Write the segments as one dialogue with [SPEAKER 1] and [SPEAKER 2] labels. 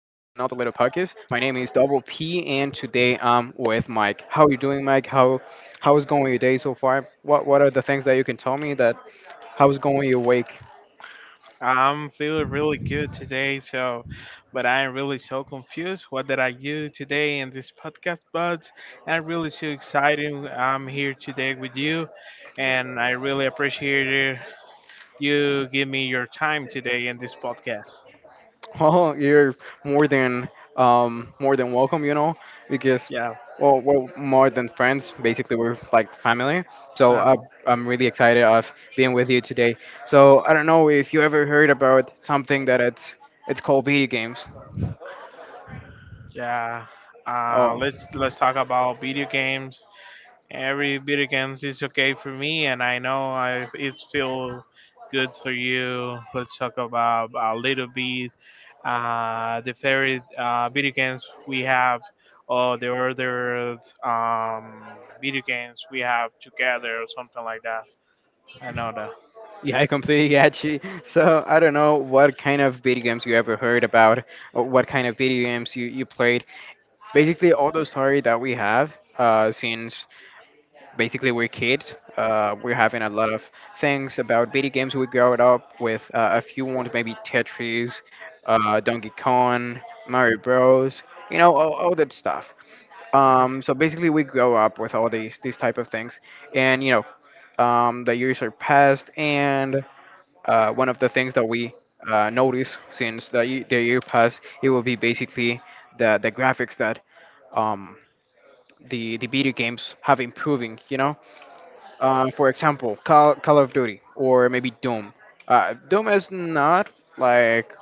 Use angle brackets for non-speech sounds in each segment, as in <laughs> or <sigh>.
[SPEAKER 1] little podcast. My name is Double P, and today I'm with Mike. How are you doing, Mike? How is going your day so far? What are the things that you can tell me that how's going your week? <laughs>
[SPEAKER 2] I'm feeling really good today, so but I'm really so confused. What did I do today in this podcast? But I'm really so excited. I'm here today with you, and I really appreciate it. You give me your time today in this podcast.
[SPEAKER 1] Oh, you're more than more than welcome. You know because
[SPEAKER 2] Yeah,
[SPEAKER 1] well we're more than friends. Basically, we're like family. So
[SPEAKER 2] um,
[SPEAKER 1] I'm really excited of being with you today. So I don't know if you ever heard about something that it's called video games.
[SPEAKER 2] yeah. Uh,
[SPEAKER 1] Oh.
[SPEAKER 2] let's let's talk about video games. Every video games is okay for me, and I know I it's feel good for you. Let's talk about a little bit the favorite video games we have or the other um, video games we have together or something like that. I know that.
[SPEAKER 1] Yeah, I completely get you. So I don't know what kind of video games you ever heard about, or what kind of video games you played. Basically, all those story that we have since basically we're kids, we're having a lot of things about video games. We grew up with a few ones, maybe Tetris, Donkey Kong, Mario Bros. You know, all that stuff. So basically, we grow up with all these type of things, and you know, the years are passed, and one of the things that we notice since the year passed, it will be basically the graphics that um, the video games have improving, you know? For example, Call of Duty or maybe Doom. Doom is not like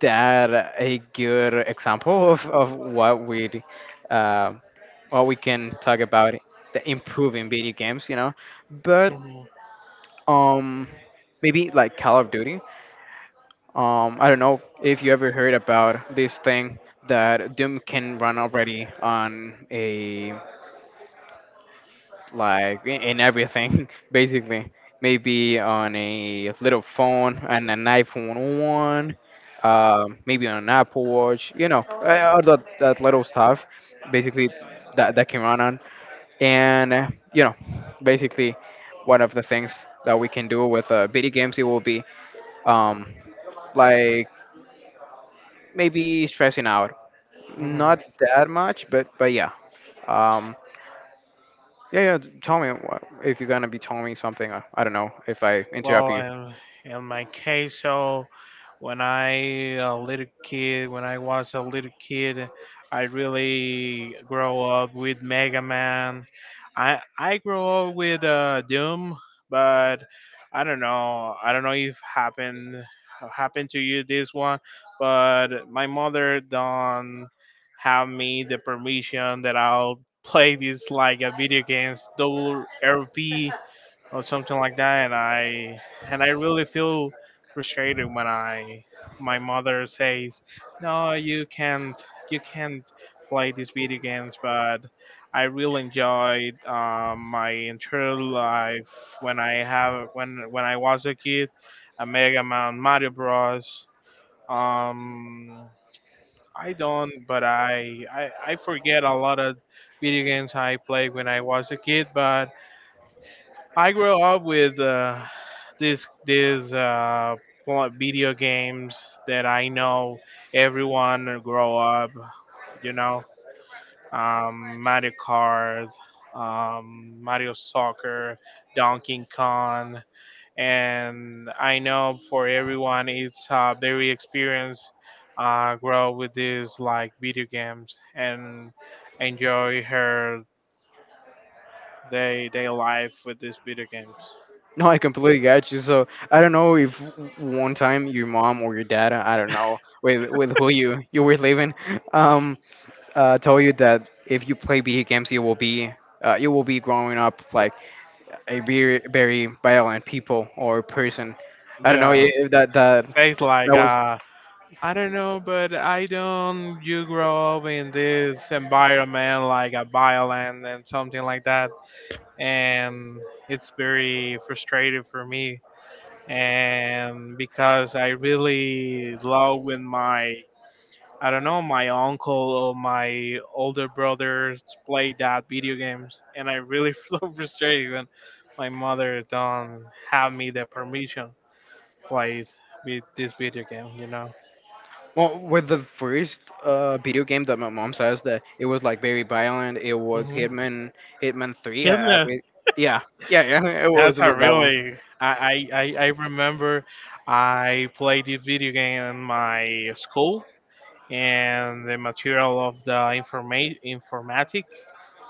[SPEAKER 1] that a good example <laughs> of uh, what we can talk about the improving video games, you know? But
[SPEAKER 2] Mhm,
[SPEAKER 1] um, maybe like Call of Duty. I don't know if you ever heard about this thing that Doom can run already on a like in everything <laughs> basically. Maybe on a little phone and an iPhone one, maybe on an Apple Watch. You know, all that little stuff, basically that that can run on. And you know, basically, one of the things that we can do with video games it will be um, like maybe stressing out.
[SPEAKER 2] mhm.
[SPEAKER 1] Not that much, but yeah. Um, Tell me if you're gonna be telling me something. I don't know if I interrupt
[SPEAKER 2] Well,
[SPEAKER 1] you. <laughs>
[SPEAKER 2] in, in my case, so When I was a little kid, I really grow up with Mega Man. I grew up with Doom, but I don't know. I don't know if happened to you this one, but my mother don't have me the permission that I'll play this like a video games double RP or something like that, and I and I really feel frustrated when I my mother says no, you can't, you can't play these video games. But I really enjoyed my entire life when I have when I was a kid, a Mega Man, Mario Bros, um I don't but I I forget a lot of video games I played when I was a kid. But I grew up with this this uh, video games that I know everyone grow up. You know, Mario Kart, Mario Soccer, Donkey Kong, and I know for everyone it's very experience. Grow with these like video games and enjoy her day life with these video games.
[SPEAKER 1] No, I completely got you. So I don't know if one time your mom or your dad, I don't know, with who you were living, <laughs> um, told you that if you play video games, you will be growing up like a very violent people or person. I don't know
[SPEAKER 2] Yeah.
[SPEAKER 1] if
[SPEAKER 2] Face like,
[SPEAKER 1] that was.
[SPEAKER 2] I don't know, but I don't. You grow up in this environment like a violent and something like that, and it's very frustrating for me. And because I really love when my I don't know my uncle or my older brothers play that video games, and I really <laughs> feel frustrated when my mother don't have me the permission play with this video game, you know.
[SPEAKER 1] Well, with the first video game that my mom says that it was like very violent. It was Hitman, Hitman Three.
[SPEAKER 2] Hitman.
[SPEAKER 1] Yeah, yeah, yeah. <laughs> It
[SPEAKER 2] That's
[SPEAKER 1] was
[SPEAKER 2] a
[SPEAKER 1] with that one.
[SPEAKER 2] really. I remember I played this video game in my school and the material of the informatic.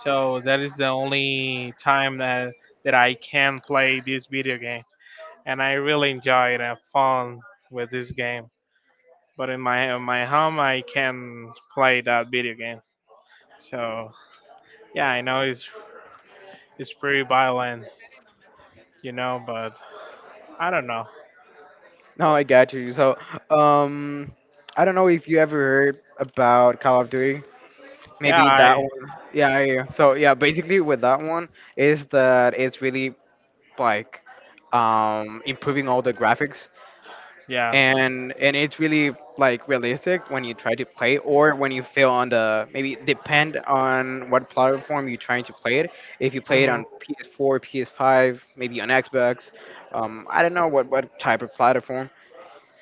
[SPEAKER 2] So that is the only time that, that I can play this video game. And I really enjoy it and fun with this game. But in my home, I can play that video game. So yeah, I know it's pretty violent, you know. But I don't know.
[SPEAKER 1] No, I got you. So, um, I don't know if you ever heard about Call of Duty.
[SPEAKER 2] Yeah,
[SPEAKER 1] Maybe that
[SPEAKER 2] I.
[SPEAKER 1] one. Yeah, yeah, yeah. So yeah, basically with that one is that it's really like improving all the graphics
[SPEAKER 2] Yeah.
[SPEAKER 1] and it's really like realistic when you try to play or when you feel on the maybe depend on what platform you're trying to play it. If you play it
[SPEAKER 2] Hmm.
[SPEAKER 1] on ps4, ps5, maybe on xbox. I don't know what type of platform.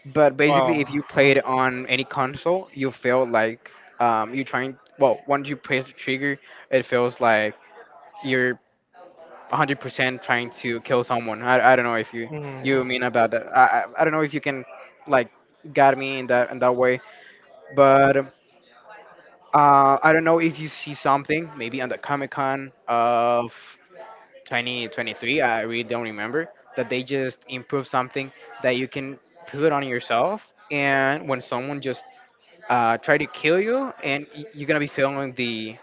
[SPEAKER 1] But basically if
[SPEAKER 2] Well.
[SPEAKER 1] you play it on any console you feel like, you're trying well once you press the trigger it feels like you're 100% trying to kill someone. I don't know if you
[SPEAKER 2] Hmm.
[SPEAKER 1] you mean about that. I don't know if you can like guide me in that way. But I don't know if you see something maybe on the Comic Con of 2023. I really don't remember that they just improve something that you can put on yourself. And when someone just try to kill you, and you're gonna be feeling the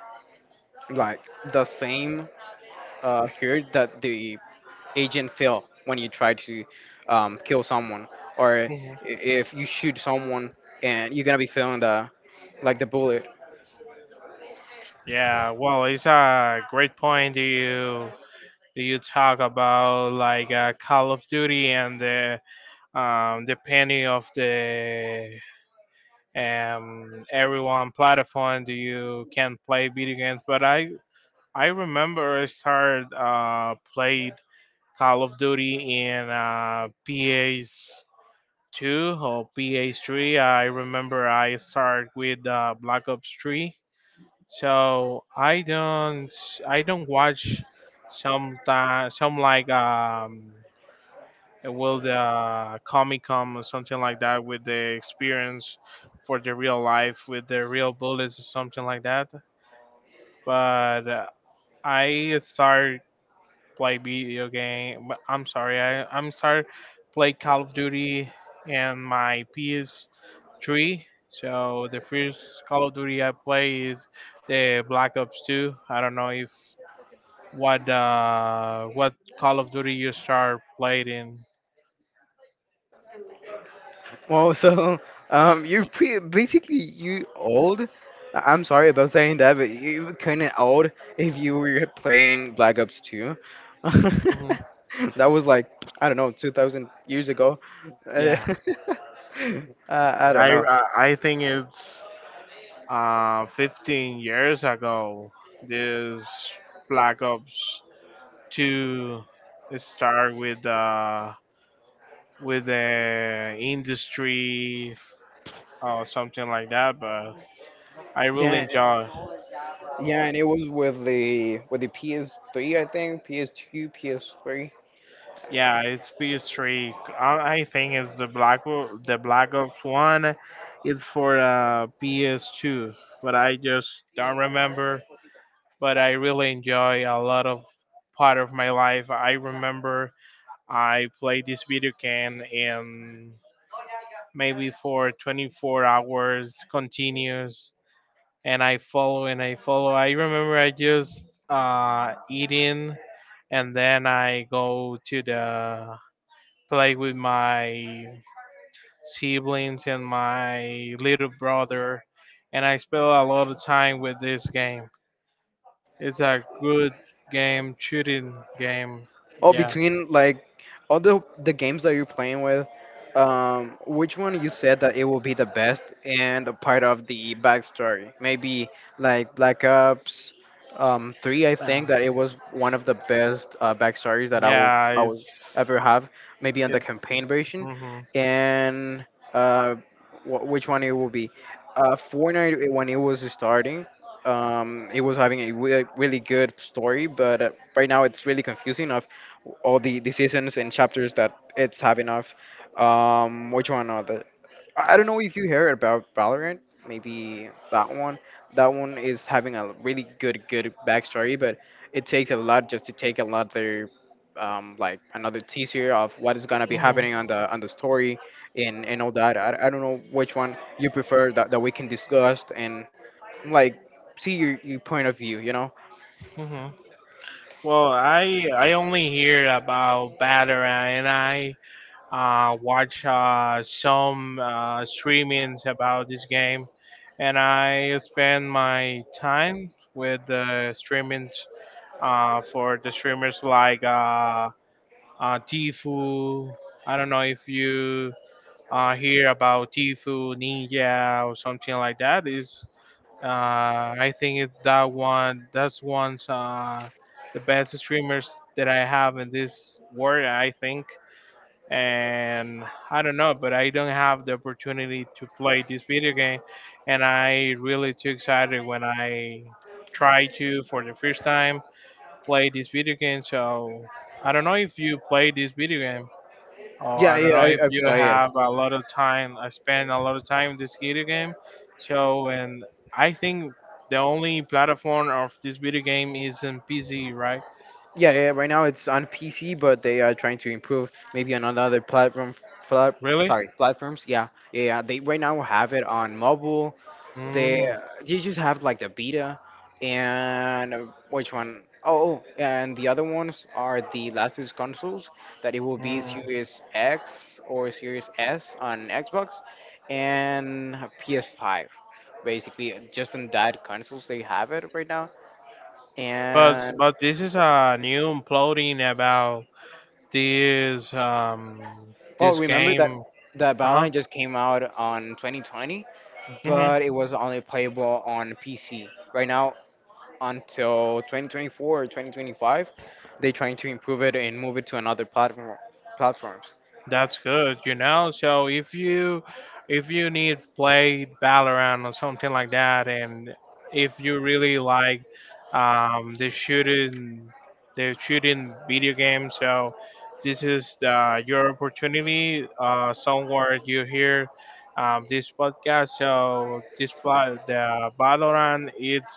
[SPEAKER 1] like the same hurt that the agent fail when you try to kill someone, or i-
[SPEAKER 2] Hmm.
[SPEAKER 1] if you shoot someone and you're gonna be feeling the like the bullet.
[SPEAKER 2] Yeah. Well, it's a great point. Do you talk about like Call of Duty and the depending of the everyone platform do you can play video games? But I remember I started played Call of Duty in PS. 2 or PH 3. I remember I start with Black Ops 3. So I don't watch some some like will the Comic Con or something like that with the experience for the real life with the real bullets or something like that. But I start play video game. But I'm sorry, I'm start play Call of Duty and my PS3. So the first Call of Duty I play is the Black Ops 2. I don't know if what what Call of Duty you start playing. In.
[SPEAKER 1] Well, <laughs> so you're basically you old. I- I'm sorry about saying that, but you kind of old if you were playing Black Ops 2. <laughs>
[SPEAKER 2] Mhm.
[SPEAKER 1] That was like I don't know, 2,000 years ago. Uh,
[SPEAKER 2] Yeah,
[SPEAKER 1] <laughs> I don't
[SPEAKER 2] I
[SPEAKER 1] know.
[SPEAKER 2] I I think it's 15 years ago. This Black Ops 2 start with the industry or something like that. But I really
[SPEAKER 1] Yeah,
[SPEAKER 2] enjoy.
[SPEAKER 1] Yeah, and it was with the PS3, I think, PS2, PS3.
[SPEAKER 2] Yeah, it's PS3. I think it's the Black Ops one. It's for PS2, but I just don't remember. But I really enjoy a lot of part of my life. I remember I played this video game in maybe for 24 hours continuous, and I follow. I remember I just eating, and then I go to the play with my siblings and my little brother, and I spend a lot of time with this game. It's a good game, shooting game.
[SPEAKER 1] Oh,
[SPEAKER 2] Yeah.
[SPEAKER 1] between like all the games that you're playing with, which one you said that it will be the best and a part of the backstory? Maybe like Black Ops, three. I
[SPEAKER 2] Uh,
[SPEAKER 1] think that it was one of the best backstories that
[SPEAKER 2] yeah,
[SPEAKER 1] I was
[SPEAKER 2] it's
[SPEAKER 1] ever have. Maybe on the
[SPEAKER 2] it's.
[SPEAKER 1] campaign version,
[SPEAKER 2] Hmm.
[SPEAKER 1] and uh, which one it will be? Fortnite, when it was starting, it was having a really good story, but right now it's really confusing all the seasons and chapters that it's having of. Which one are the? I don't know if you heard about Valorant. Maybe that one. That one is having a really good backstory, but it takes a lot just to take another, like another teaser of what is gonna be
[SPEAKER 2] Hmm.
[SPEAKER 1] happening on the story and all that. I don't know which one you prefer that we can discuss and like see your point of view. You know?
[SPEAKER 2] Hmm. Well, I only hear about Valorant, and I watch some streamings about this game, and I spend my time with the streamings for the streamers like Tifu. I don't know if you hear about Tifu Ninja or something like that. Is uh, I think it, that one that's one's the best streamers that I have in this world. I think and I don't know, but I don't have the opportunity to play this video game, and I really too excited when I try to for the first time play this video game. So I don't know if you play this video game, or
[SPEAKER 1] Yeah,
[SPEAKER 2] I don't
[SPEAKER 1] yeah.
[SPEAKER 2] know if
[SPEAKER 1] I
[SPEAKER 2] you
[SPEAKER 1] play it.
[SPEAKER 2] have a lot of time. I spend a lot of time in this video game, so and I think the only platform of this video game is in PC, right?
[SPEAKER 1] Yeah, yeah. Right now it's on PC, but they are trying to improve maybe on another platform. Flat,
[SPEAKER 2] Really?
[SPEAKER 1] sorry, platforms. Yeah, yeah, yeah. They right now have it on mobile. They
[SPEAKER 2] Mm,
[SPEAKER 1] they just have like the beta, and which one? Oh, oh, and the other ones are the latest consoles that it will be
[SPEAKER 2] mm.
[SPEAKER 1] Series X or Series S on Xbox and PS5. Basically, just on that consoles they have it right now, and.
[SPEAKER 2] But this is a new plotting about this
[SPEAKER 1] Well,
[SPEAKER 2] this
[SPEAKER 1] remember that
[SPEAKER 2] game. Uh
[SPEAKER 1] Valorant just came out on 2020,
[SPEAKER 2] huh.
[SPEAKER 1] but it was only playable on PC. Right now, until 2024 or 2025, they're trying to improve it and move it to another platforms.
[SPEAKER 2] That's good, you know. So if you need play Valorant or something like that, and if you really like um, the shooting the shooting video game, so this is the, your opportunity. Somewhere you hear this podcast, so the Valorant, it's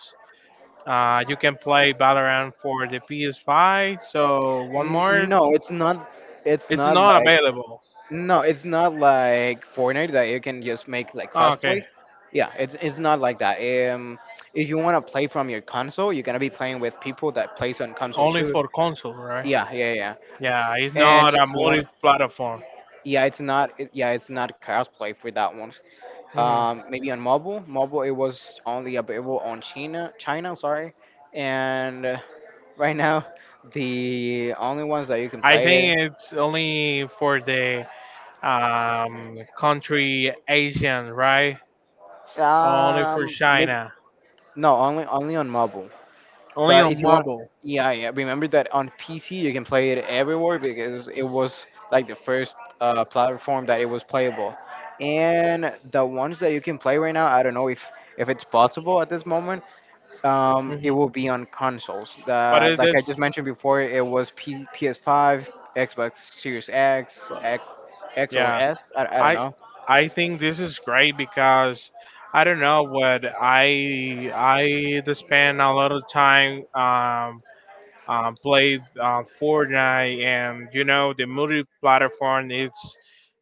[SPEAKER 2] you can play Valorant for the PS5. So one
[SPEAKER 1] N-
[SPEAKER 2] more,
[SPEAKER 1] no, it's not. It's
[SPEAKER 2] it's
[SPEAKER 1] not
[SPEAKER 2] not
[SPEAKER 1] like,
[SPEAKER 2] available.
[SPEAKER 1] no, it's not like Fortnite that you can just make like
[SPEAKER 2] Ah,
[SPEAKER 1] crossplay.
[SPEAKER 2] okay.
[SPEAKER 1] Yeah, it's not like that. Um, if you want to play from your console, you're gonna be playing with people that plays on console
[SPEAKER 2] Only
[SPEAKER 1] too.
[SPEAKER 2] for console, right?
[SPEAKER 1] Yeah, yeah, yeah.
[SPEAKER 2] Yeah, it's
[SPEAKER 1] And
[SPEAKER 2] not a
[SPEAKER 1] if you want,
[SPEAKER 2] multi-platform.
[SPEAKER 1] yeah, it's not. Yeah, it's not crossplay for that one.
[SPEAKER 2] Hmm.
[SPEAKER 1] Maybe on mobile. Mobile, it was only available on China. China, sorry. And right now, the only ones that you can
[SPEAKER 2] I
[SPEAKER 1] play it.
[SPEAKER 2] think it's only for the country Asian, right? Only for
[SPEAKER 1] Maybe
[SPEAKER 2] China,
[SPEAKER 1] no, only on mobile.
[SPEAKER 2] only
[SPEAKER 1] But if
[SPEAKER 2] on
[SPEAKER 1] you want,
[SPEAKER 2] mobile.
[SPEAKER 1] yeah, yeah. Remember that on PC you can play it everywhere because it was like the first platform that it was playable. And the ones that you can play right now, I don't know if it's possible at this moment, it
[SPEAKER 2] Hmm.
[SPEAKER 1] will be on consoles.
[SPEAKER 2] But
[SPEAKER 1] The,
[SPEAKER 2] it
[SPEAKER 1] like I
[SPEAKER 2] is,
[SPEAKER 1] just mentioned before, it was PS5, Xbox Series X, X or
[SPEAKER 2] yeah.
[SPEAKER 1] S. I don't
[SPEAKER 2] I
[SPEAKER 1] know.
[SPEAKER 2] I think this is great because I don't know what I just spend a lot of time play Fortnite, and you know the multi-platform.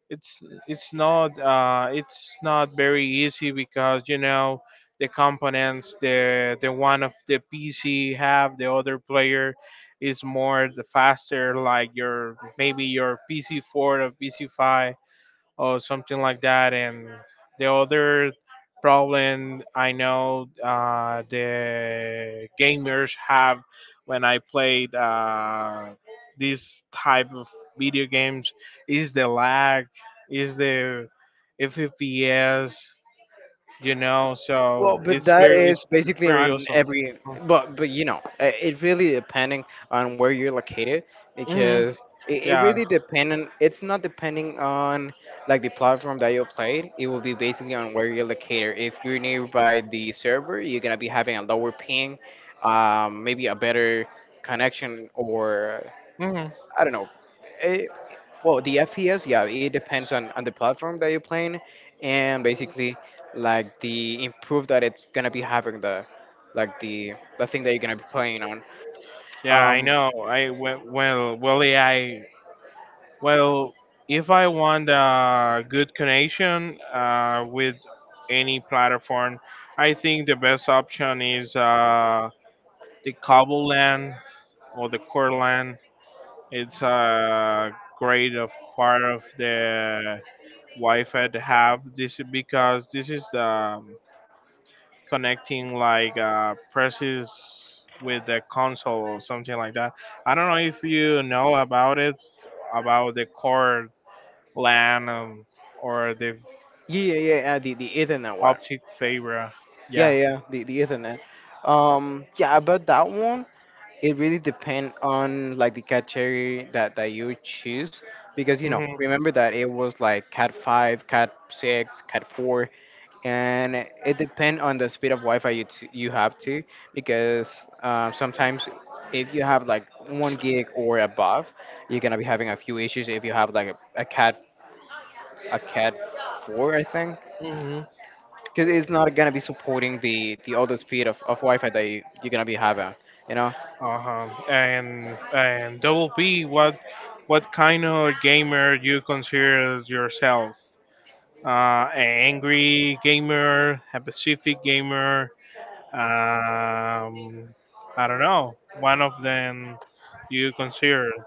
[SPEAKER 2] it's it's not it's not very easy because you know the components, the one of the PC have the other player is more the faster like your maybe your PC4 or PC5 or something like that. And the other problem I know the gamers have when I played this type of video games is the lag, is the FPS, you know.
[SPEAKER 1] Well,
[SPEAKER 2] So
[SPEAKER 1] but
[SPEAKER 2] it's
[SPEAKER 1] that
[SPEAKER 2] very it's,
[SPEAKER 1] is
[SPEAKER 2] it's
[SPEAKER 1] basically
[SPEAKER 2] very
[SPEAKER 1] on
[SPEAKER 2] also.
[SPEAKER 1] every, but you know, it really depending on where you're located
[SPEAKER 2] Hmm.
[SPEAKER 1] because it
[SPEAKER 2] Yeah.
[SPEAKER 1] really depending. It's not depending on like the platform that you played. It will be basically on where you're located. If you're nearby the server, you're gonna be having a lower ping, maybe a better connection or
[SPEAKER 2] Hmm.
[SPEAKER 1] I don't know. It, well, the FPS, yeah, it depends on the platform that you're playing, and basically like the improve that it's gonna be having the like the thing that you're gonna be playing on.
[SPEAKER 2] Yeah, I
[SPEAKER 1] Um,
[SPEAKER 2] know. I well, well, well, AI. Well, if I want a good connection with any platform, I think the best option is the cable LAN or the core LAN. It's a great of part of the Wi-Fi to have this is because this is the connecting like presses with the console or something like that. I don't know if you know about it about the core Lanham or the
[SPEAKER 1] yeah, yeah, yeah, the Ethernet one.
[SPEAKER 2] optic fiber.
[SPEAKER 1] Yeah,
[SPEAKER 2] Yeah.
[SPEAKER 1] yeah, the Ethernet. Yeah, about that one, it really depends on like the category that you choose because you know
[SPEAKER 2] Hmm.
[SPEAKER 1] remember that it was like Cat five, Cat six, Cat four, and it depends on the speed of Wi-Fi you you have to, because sometimes if you have like one gig or above, you're gonna be having a few issues. If you have like a cat a cat four, I think,
[SPEAKER 2] Hmm.
[SPEAKER 1] because it's not gonna be supporting the other speed of Wi-Fi that you're gonna be having. You know,
[SPEAKER 2] Uh-huh. And Double P, what kind of gamer you consider yourself? An angry gamer, a pacific gamer. Um, I don't know. One of them you consider. <laughs>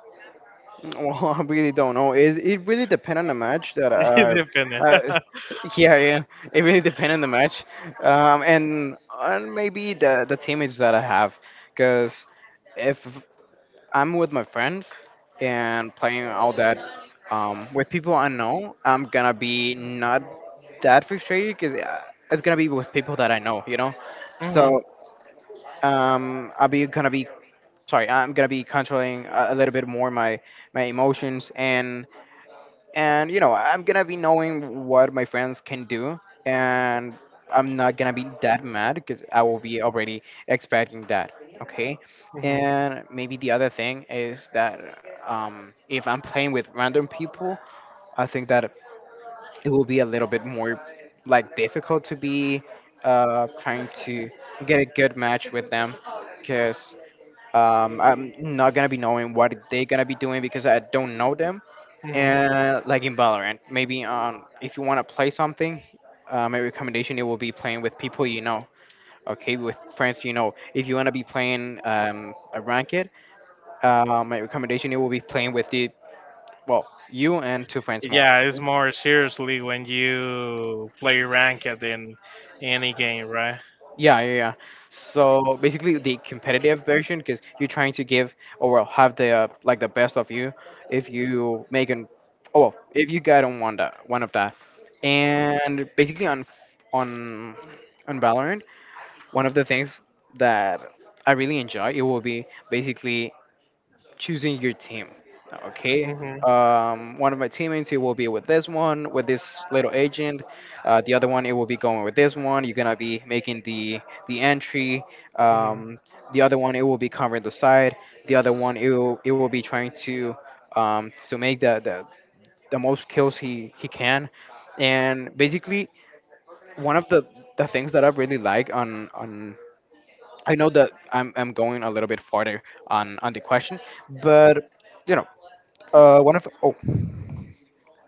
[SPEAKER 1] well, <laughs> I really don't know. It really depends on the match that
[SPEAKER 2] Mhm.
[SPEAKER 1] uh
[SPEAKER 2] <laughs>
[SPEAKER 1] <laughs> yeah, yeah. It really depends on the match, and maybe the teammates that I have, because if I'm with my friends and playing all that, with people I know, I'm gonna be not that frustrated because it's gonna be with people that I know, you know.
[SPEAKER 2] Hmm.
[SPEAKER 1] So I'll be gonna be sorry. I'm gonna be controlling a little bit more my my emotions and you know I'm gonna be knowing what my friends can do, and I'm not gonna be that mad because I will be already expecting that. Okay.
[SPEAKER 2] Hmm.
[SPEAKER 1] And maybe the other thing is that, if I'm playing with random people, I think that it will be a little bit more like difficult to be trying to get a good match with them because I'm not gonna be knowing what they're gonna be doing because I don't know them.
[SPEAKER 2] Hmm.
[SPEAKER 1] And like in Valorant, maybe on if you want to play something, my recommendation it will be playing with people you know. Okay, with friends you know. If you want to be playing a ranked, my recommendation it will be playing with the, well, you and two friends more.
[SPEAKER 2] Yeah, it's more seriously when you play ranked in any game, right?
[SPEAKER 1] Yeah, yeah, yeah. So basically, the competitive version, because you're trying to give or, well, have the like the best of you. If you make an, oh, well, if you get on one that one of that, and basically on on Valorant, one of the things that I really enjoy it will be basically choosing your team. Okay.
[SPEAKER 2] Mhm,
[SPEAKER 1] One of my teammates, it will be with this one, with this little agent. The other one, it will be going with this one. You're gonna be making the entry.
[SPEAKER 2] mhm,
[SPEAKER 1] Um, the other one, it will be covering the side. The other one, it will be trying to, to make the the most kills he can. And basically, one of the things that I really like on I know that I'm going a little bit farther on the question, but you know, one of, oh,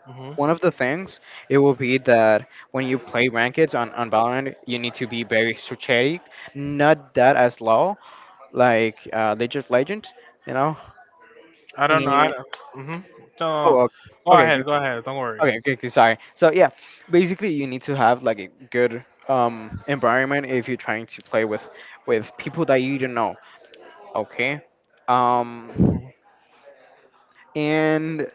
[SPEAKER 2] mhm.
[SPEAKER 1] one of the things it will be that when you play rankeds on Valorant, you need to be very strategic, not that as low, like League of Legends, you know.
[SPEAKER 2] I don't know. I
[SPEAKER 1] And,
[SPEAKER 2] don't. Mhm. No, no,
[SPEAKER 1] oh,
[SPEAKER 2] no.
[SPEAKER 1] okay.
[SPEAKER 2] Go
[SPEAKER 1] Okay, good.
[SPEAKER 2] ahead. Go ahead. Don't worry.
[SPEAKER 1] Okay, okay, okay, sorry. So yeah, basically you need to have like a good environment if you're trying to play with people that you don't know. Okay. Um.
[SPEAKER 2] Mhm,
[SPEAKER 1] And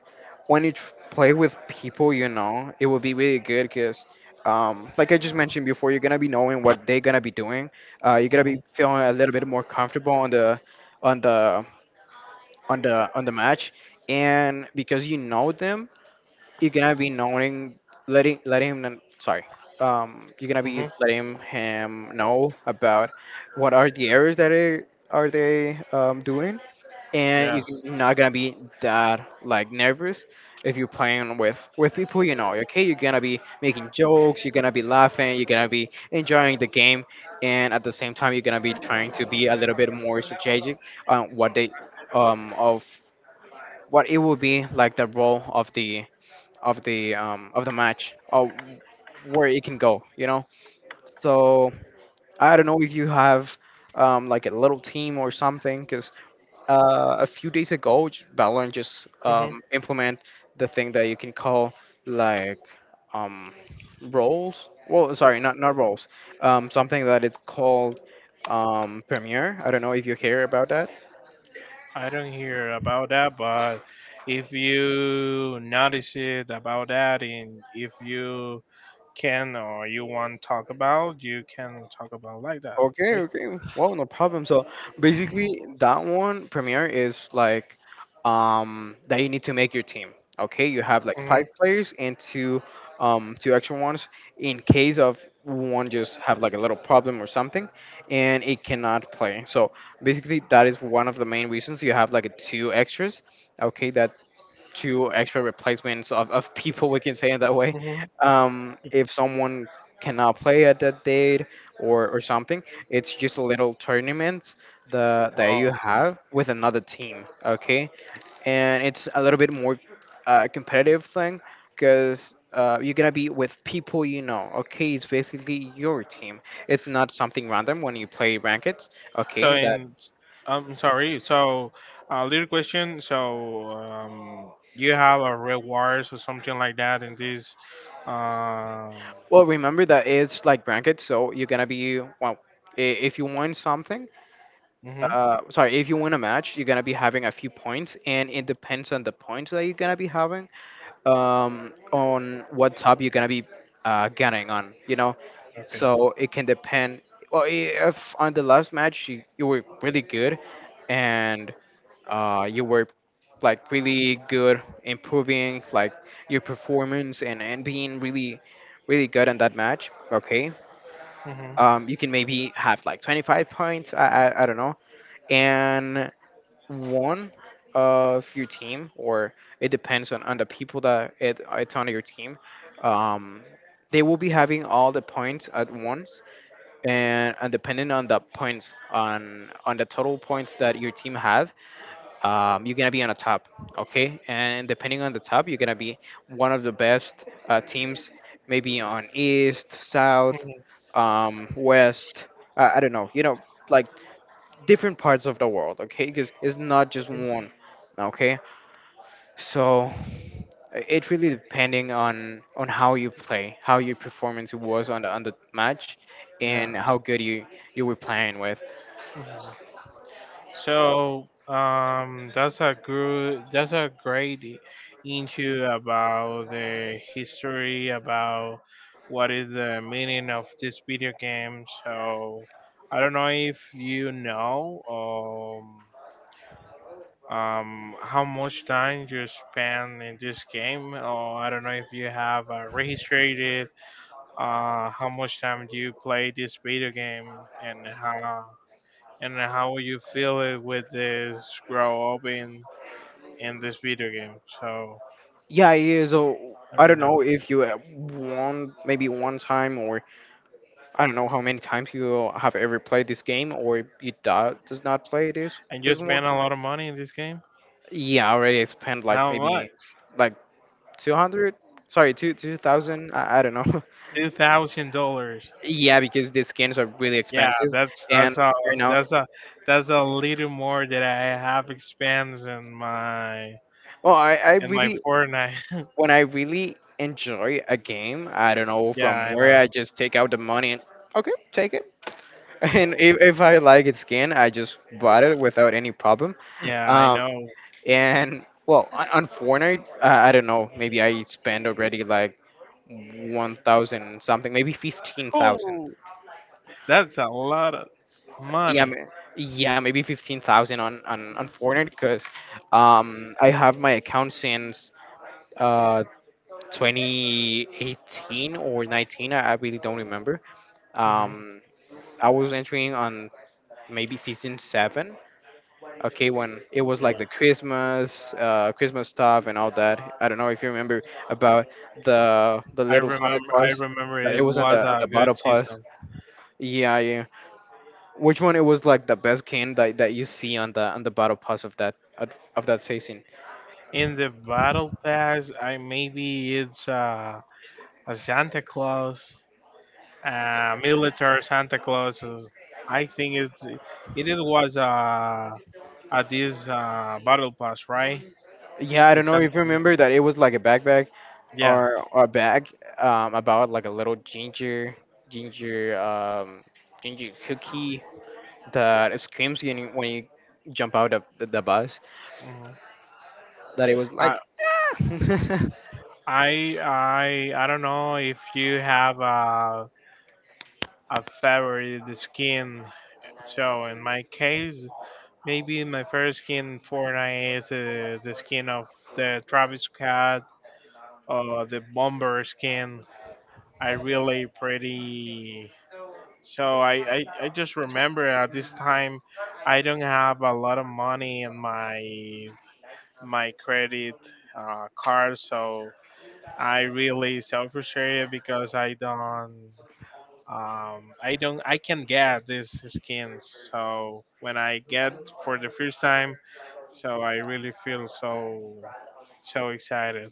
[SPEAKER 1] when you play with people you know, it will be really good because like I just mentioned before, you're gonna be knowing what they're gonna be doing. You're gonna be
[SPEAKER 2] mhm,
[SPEAKER 1] feeling a little bit more comfortable on the on the on the on the match, and because you know them, you're gonna be knowing, letting him sorry, you're gonna be
[SPEAKER 2] mhm.
[SPEAKER 1] letting him know about what are the errors that are they doing, and
[SPEAKER 2] Yeah.
[SPEAKER 1] you're not gonna be that like nervous. If you're playing with people you know, okay, you're gonna be making jokes, you're gonna be laughing, you're gonna be enjoying the game, and at the same time you're gonna be trying to be a little bit more strategic on what they, of what it will be like the role of the of the of the match or where it can go, you know. So I don't know if you have like a little team or something, cause a few days ago, Valorant just
[SPEAKER 2] Mhm.
[SPEAKER 1] implement the thing that you can call like, um, roles. Well, sorry, not roles. Something that it's called, Premiere. I don't know if you hear about that.
[SPEAKER 2] I don't hear about that, but if you notice it about that, and if you can or you want to talk about, you can talk about like that.
[SPEAKER 1] Okay,
[SPEAKER 2] Okay.
[SPEAKER 1] okay. Well, no problem. So basically, that one Premiere is like, that you need to make your team. Okay, you have like
[SPEAKER 2] Mhm,
[SPEAKER 1] five players and two two extra ones, in case of one just have like a little problem or something, and it cannot play. So basically, that is one of the main reasons you have like a two extras. Okay, that two extra replacements of <laughs> people, we can say it that way,
[SPEAKER 2] mhm.
[SPEAKER 1] if someone cannot play at that date, or something. It's just a little tournament that
[SPEAKER 2] Oh,
[SPEAKER 1] you
[SPEAKER 2] okay.
[SPEAKER 1] have with another team, okay? And it's a little bit more competitive thing, because you're gonna be with people you know. Okay, it's basically your team. It's not something random when you play brackets.
[SPEAKER 2] So
[SPEAKER 1] Okay, that,
[SPEAKER 2] in, I'm sorry. So a little question. So you have a rewards or something like that in this. Um,
[SPEAKER 1] well, remember that it's like brackets, so you're gonna be, well, i- if you want something,
[SPEAKER 2] mhm,
[SPEAKER 1] sorry, if you win a match, you're gonna be having a few points, and it depends on the points that you're gonna be having, on what tab you're gonna be getting on, you know.
[SPEAKER 2] okay.
[SPEAKER 1] So it can depend, well, if on the last match you were really good, and you were like really good improving, like, your performance and being really really good in that match, okay.
[SPEAKER 2] Hmm.
[SPEAKER 1] You can maybe have like 25 points, I don't know. And one of your team, or it depends on the people that it's on your team, um, they will be having all the points at once, and depending on the points on the total points that your team have, you're gonna be on the top, okay? And depending on the top, you're gonna be one of the best teams, maybe on East, South,
[SPEAKER 2] Hmm.
[SPEAKER 1] West. I don't know, you know, like different parts of the world, okay, because it's not just one. Okay, so it really depending on how you play, how your performance was on the match,
[SPEAKER 2] Yeah.
[SPEAKER 1] and how good you you were playing with.
[SPEAKER 2] Mhm. So that's a good. That's a great I- into about the history about what is the meaning of this video game. So I don't know if you know. How much time you spend in this game, or I don't know if you have registered it, how much time do you play this video game, and how and how you feel it with this grow up in this video game. So
[SPEAKER 1] Yeah, yeah. So
[SPEAKER 2] let
[SPEAKER 1] I
[SPEAKER 2] me
[SPEAKER 1] don't
[SPEAKER 2] know.
[SPEAKER 1] know if you won maybe one time, or I don't know how many times you have ever played this game, or you do, does not play this
[SPEAKER 2] And you
[SPEAKER 1] this one.
[SPEAKER 2] spend a lot of money in this game.
[SPEAKER 1] Yeah, already I spent like
[SPEAKER 2] How
[SPEAKER 1] maybe
[SPEAKER 2] much?
[SPEAKER 1] like 200, sorry, two 2000, I don't know. <laughs>
[SPEAKER 2] $2,000.
[SPEAKER 1] Yeah, because the skins are really
[SPEAKER 2] Yeah,
[SPEAKER 1] expensive,
[SPEAKER 2] that's
[SPEAKER 1] and
[SPEAKER 2] that's a
[SPEAKER 1] right now,
[SPEAKER 2] that's a that's a little more that I have expense
[SPEAKER 1] well, I
[SPEAKER 2] in my
[SPEAKER 1] really,
[SPEAKER 2] Fortnite.
[SPEAKER 1] when I really enjoy a game, I don't know
[SPEAKER 2] Yeah,
[SPEAKER 1] from
[SPEAKER 2] I
[SPEAKER 1] where
[SPEAKER 2] know.
[SPEAKER 1] I just take out the money, and okay, take it. <laughs> And if I like its skin, I just bought it without any problem.
[SPEAKER 2] Yeah, I
[SPEAKER 1] Um,
[SPEAKER 2] know.
[SPEAKER 1] and well, on Fortnite, I don't know, maybe I spend already like 1,000 something, maybe 15,000.
[SPEAKER 2] Oh, that's a lot of
[SPEAKER 1] yeah,
[SPEAKER 2] money.
[SPEAKER 1] ma- yeah, maybe 15,000 on on Fortnite, because I have my account since uh 2018 or 19. I really don't remember.
[SPEAKER 2] Mhm.
[SPEAKER 1] Um, I was entering on maybe season seven. Okay, when it was
[SPEAKER 2] Okay.
[SPEAKER 1] like the Christmas, Christmas stuff and all that. I don't know if you remember about the
[SPEAKER 2] I
[SPEAKER 1] little Sonic
[SPEAKER 2] remember. I
[SPEAKER 1] Plus
[SPEAKER 2] remember
[SPEAKER 1] that it
[SPEAKER 2] it
[SPEAKER 1] was
[SPEAKER 2] was
[SPEAKER 1] on
[SPEAKER 2] a
[SPEAKER 1] the Battle
[SPEAKER 2] good
[SPEAKER 1] Plus.
[SPEAKER 2] season.
[SPEAKER 1] Yeah, yeah. Which one it was like the best can that, that you see on the battle pass of that season?
[SPEAKER 2] In the battle pass, I maybe it's a Santa Claus, military Santa Claus. I think it's it is was at this battle pass, right?
[SPEAKER 1] Yeah, I
[SPEAKER 2] The
[SPEAKER 1] don't know
[SPEAKER 2] San-
[SPEAKER 1] if you remember that it was like a backpack,
[SPEAKER 2] yeah.
[SPEAKER 1] or a bag, about like a little ginger um, ginger cookie that screams when when you jump out of the bus.
[SPEAKER 2] Mhm.
[SPEAKER 1] That it was
[SPEAKER 2] I
[SPEAKER 1] like "Ah!"
[SPEAKER 2] I don't know if you have a I favor the skin. So in my case, maybe my favorite skin in Fortnite is the skin of the Travis Scott or the Bomber skin. I really pretty. So I just remember at this time, I don't have a lot of money in my credit card, so I really so frustrated because I don't I don't I can get these skins. So when I get for the first time, so I really feel so excited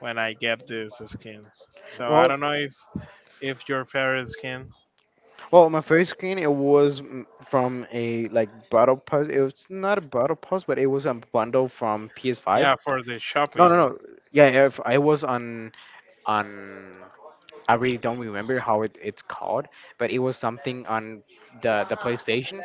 [SPEAKER 2] when I get these skins.
[SPEAKER 1] <laughs>
[SPEAKER 2] So I
[SPEAKER 1] Well,
[SPEAKER 2] don't know if your favorite skin.
[SPEAKER 1] well, my first screen it was from a like battle pass. It was not a battle pass, but it was a bundle from
[SPEAKER 2] Yeah,
[SPEAKER 1] PS5.
[SPEAKER 2] for the
[SPEAKER 1] No, no,
[SPEAKER 2] shopping.
[SPEAKER 1] no. Yeah, yeah, if I was on I really don't remember how it's called, but it was something on the PlayStation,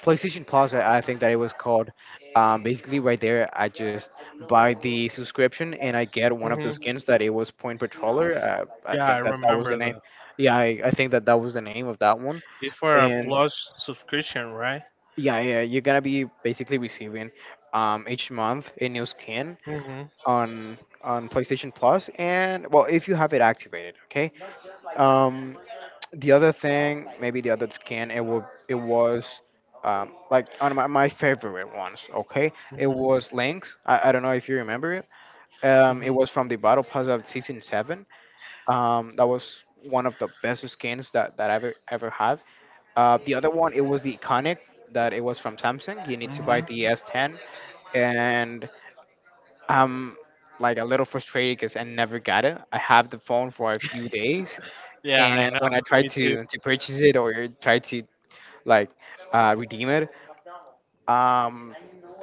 [SPEAKER 1] PlayStation Plus. I think that it was called. Basically, right there, I just buy the subscription and I get one of the
[SPEAKER 2] Hmm
[SPEAKER 1] skins that it was Point Patroller. I
[SPEAKER 2] yeah, I
[SPEAKER 1] think that that was the
[SPEAKER 2] remember
[SPEAKER 1] name.
[SPEAKER 2] that.
[SPEAKER 1] Yeah, I think that that was the name of that one.
[SPEAKER 2] It's for a
[SPEAKER 1] And
[SPEAKER 2] plus subscription, right?
[SPEAKER 1] yeah, yeah, you're gonna be basically receiving each month a new skin
[SPEAKER 2] hmm
[SPEAKER 1] on PlayStation Plus, and well, if you have it activated, okay. Um, the other thing, maybe the other skin, it was, like on my, my favorite ones, okay. It
[SPEAKER 2] hmm
[SPEAKER 1] was Link's. I don't know if you remember it.
[SPEAKER 2] hmm
[SPEAKER 1] It was from the Battle Pass of Season Seven. That was one of the best skins that that I ever have. The other one, it was the iconic that it was from Samsung. You need to buy
[SPEAKER 2] hmm
[SPEAKER 1] the S10, and I'm like a little frustrated because I never got it. I have the phone for a few days,
[SPEAKER 2] yeah, I
[SPEAKER 1] and
[SPEAKER 2] know.
[SPEAKER 1] when I try
[SPEAKER 2] Me too.
[SPEAKER 1] to purchase it or try to like redeem it, um,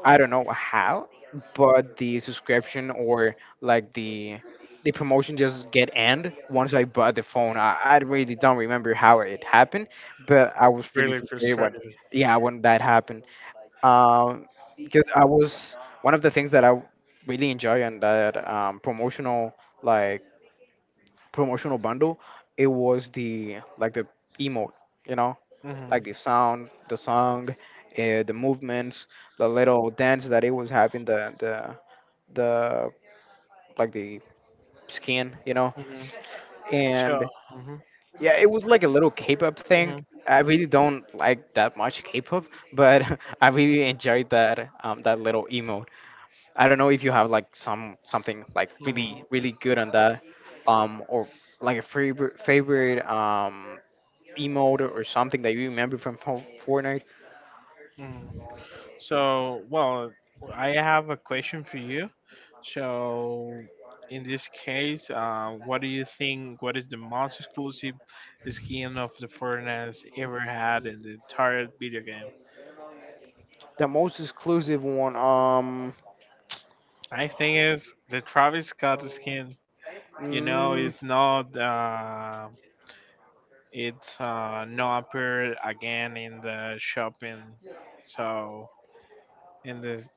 [SPEAKER 1] I don't know how, but the subscription or like the promotion just get end once I bought the phone. I really don't remember how it happened, but I was
[SPEAKER 2] It's
[SPEAKER 1] really
[SPEAKER 2] really
[SPEAKER 1] frustrated when,
[SPEAKER 2] frustrating.
[SPEAKER 1] yeah, when that happened. Um, because I was one of the things that I really enjoy on that promotional like promotional bundle. It was the emote, you know,
[SPEAKER 2] Hmm
[SPEAKER 1] like the sound, the song, the movements, the little dance that it was having, the the skin,
[SPEAKER 2] hmm sure.
[SPEAKER 1] and
[SPEAKER 2] hmm
[SPEAKER 1] yeah, it was like a little K-pop thing.
[SPEAKER 2] hmm
[SPEAKER 1] I really don't like that much K-pop, but <laughs> I really enjoyed that little emote. I don't know if you have like something like
[SPEAKER 2] hmm
[SPEAKER 1] really really good on that, or like a favorite emote or something that you remember from Fortnite.
[SPEAKER 2] Mm. So, well, I have a question for you. So, in this case, what do you think? What is the most exclusive skin of the Fortnite ever had in the entire video game?
[SPEAKER 1] The most exclusive one,
[SPEAKER 2] I think it's the Travis Scott skin. You know,
[SPEAKER 1] mm,
[SPEAKER 2] it's not. It's not appeared again in the shopping. So, in this,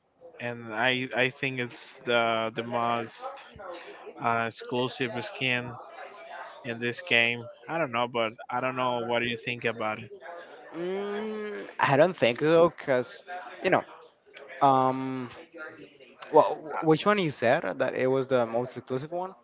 [SPEAKER 2] and I think it's the most exclusive skin in this game. I don't know, but I don't know what do you think about it.
[SPEAKER 1] I don't think so, cause you know, um, well,
[SPEAKER 2] Uh,
[SPEAKER 1] which one you said that it was the most exclusive one?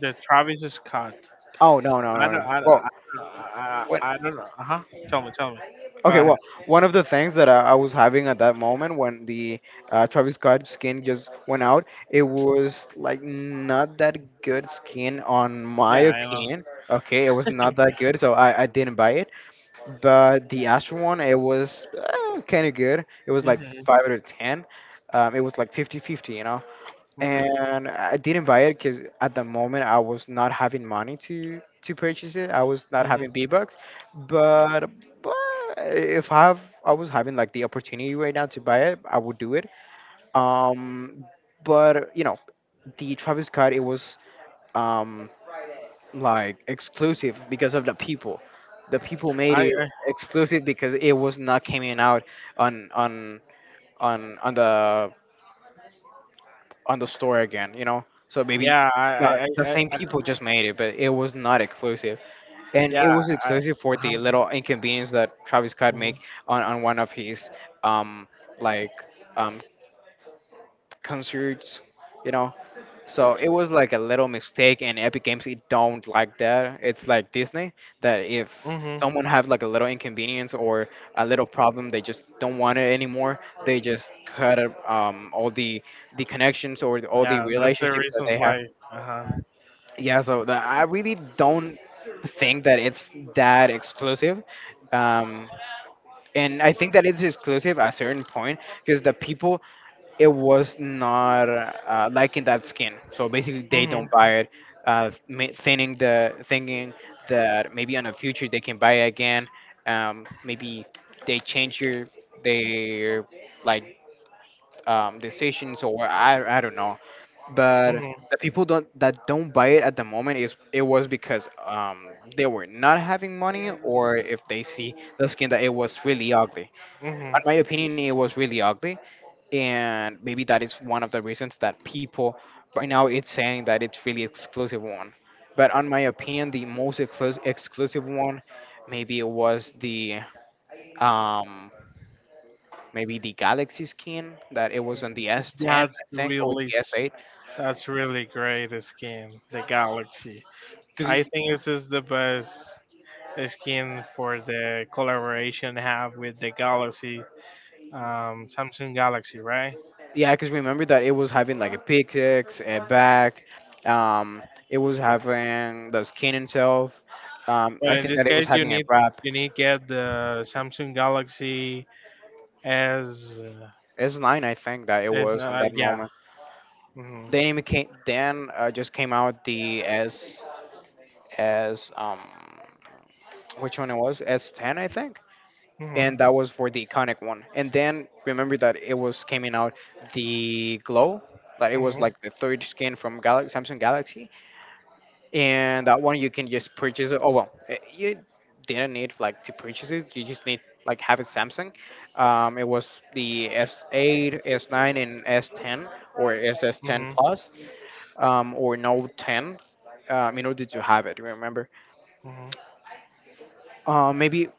[SPEAKER 2] The Travis Scott.
[SPEAKER 1] Oh, no, no,
[SPEAKER 2] I
[SPEAKER 1] no,
[SPEAKER 2] don't.
[SPEAKER 1] no.
[SPEAKER 2] I don't.
[SPEAKER 1] Well,
[SPEAKER 2] I,
[SPEAKER 1] when.
[SPEAKER 2] I, I don't know. Uh huh. Tell me. Tell me. Go
[SPEAKER 1] Okay,
[SPEAKER 2] ahead.
[SPEAKER 1] well, one of the things that I was having at that moment when the Travis Scott skin just went out, it was like not that good skin, on my
[SPEAKER 2] Yeah, I know.
[SPEAKER 1] opinion. Okay, it was not that good, so I didn't buy it. But the Astro one, it was kind of good. It was like
[SPEAKER 2] Mhm.
[SPEAKER 1] 5 out of 10. It was like fifty-fifty, you know?
[SPEAKER 2] Mhm.
[SPEAKER 1] And I didn't buy it because at the moment I was not having money to purchase it. I was not
[SPEAKER 2] Mhm.
[SPEAKER 1] having V Bucks, but but if I have I was having like the opportunity right now to buy it, I would do it. Um, but the Travis Scott it was um like exclusive because of the people. The people made
[SPEAKER 2] I. I
[SPEAKER 1] it exclusive because it was not coming out on on on on the on the store again, you know? So maybe
[SPEAKER 2] Yeah.
[SPEAKER 1] the, the same people just made it, but it was not exclusive. And it
[SPEAKER 2] Yeah.
[SPEAKER 1] was
[SPEAKER 2] I.
[SPEAKER 1] exclusive
[SPEAKER 2] Uh
[SPEAKER 1] for
[SPEAKER 2] huh.
[SPEAKER 1] the little inconvenience that Travis Scott make
[SPEAKER 2] Mhm.
[SPEAKER 1] on one of his um like um concerts, you know? So it was like a little mistake, and Epic Games it don't like that. It's like Disney that if
[SPEAKER 2] Mhm.
[SPEAKER 1] someone have like a little inconvenience or a little problem, they just don't want it anymore. They just cut all the connections or all the
[SPEAKER 2] Yeah. That's the
[SPEAKER 1] relationships that
[SPEAKER 2] reasons
[SPEAKER 1] they have.
[SPEAKER 2] why. Uh huh.
[SPEAKER 1] Yeah, so I really don't think that it's that exclusive. Um, and I think that it's exclusive at a certain point because the people it was not liking that skin. So basically, they don't
[SPEAKER 2] Mhm.
[SPEAKER 1] buy it, thinking that maybe on the future they can buy it again. Maybe they change your their like decisions, or I don't know, but
[SPEAKER 2] Mhm.
[SPEAKER 1] the people don't buy it at the moment is it was because they were not having money, or if they see the skin that it was really ugly. In
[SPEAKER 2] Mhm.
[SPEAKER 1] my opinion, it was really ugly, and maybe that is one of the reasons that people right now it's saying that it's really exclusive one. But on my opinion, the most exclusive one maybe it was the um maybe the Galaxy skin that it was on the S10,
[SPEAKER 2] That's
[SPEAKER 1] I think, or
[SPEAKER 2] really.
[SPEAKER 1] the
[SPEAKER 2] s-
[SPEAKER 1] S8,
[SPEAKER 2] That's really great. The skin. The galaxy.
[SPEAKER 1] because
[SPEAKER 2] I think this is the best skin for the collaboration they have with the Galaxy, Samsung Galaxy, right?
[SPEAKER 1] yeah, because remember that it was having like a pickaxe, a back, um it was having the skin itself.
[SPEAKER 2] But
[SPEAKER 1] I
[SPEAKER 2] in
[SPEAKER 1] think
[SPEAKER 2] this
[SPEAKER 1] that it was
[SPEAKER 2] case,
[SPEAKER 1] having a wrap,
[SPEAKER 2] you need get the Samsung Galaxy as
[SPEAKER 1] S9, I think, that it was at that
[SPEAKER 2] yeah.
[SPEAKER 1] moment.
[SPEAKER 2] hmm
[SPEAKER 1] The anime came then, just came out the S, as which one it was, S10, I think,
[SPEAKER 2] hmm
[SPEAKER 1] and that was for the iconic one. And then remember that it was coming out the glow. That it was
[SPEAKER 2] hmm
[SPEAKER 1] like the third skin from Galaxy, Samsung Galaxy, and that one you can just purchase it. Oh well, you didn't need like to purchase it. You just need like have it Samsung. It was the S8, S9, and S10, or S S10
[SPEAKER 2] hmm
[SPEAKER 1] Plus, or Note 10, in order to have it. Remember,
[SPEAKER 2] hmm
[SPEAKER 1] maybe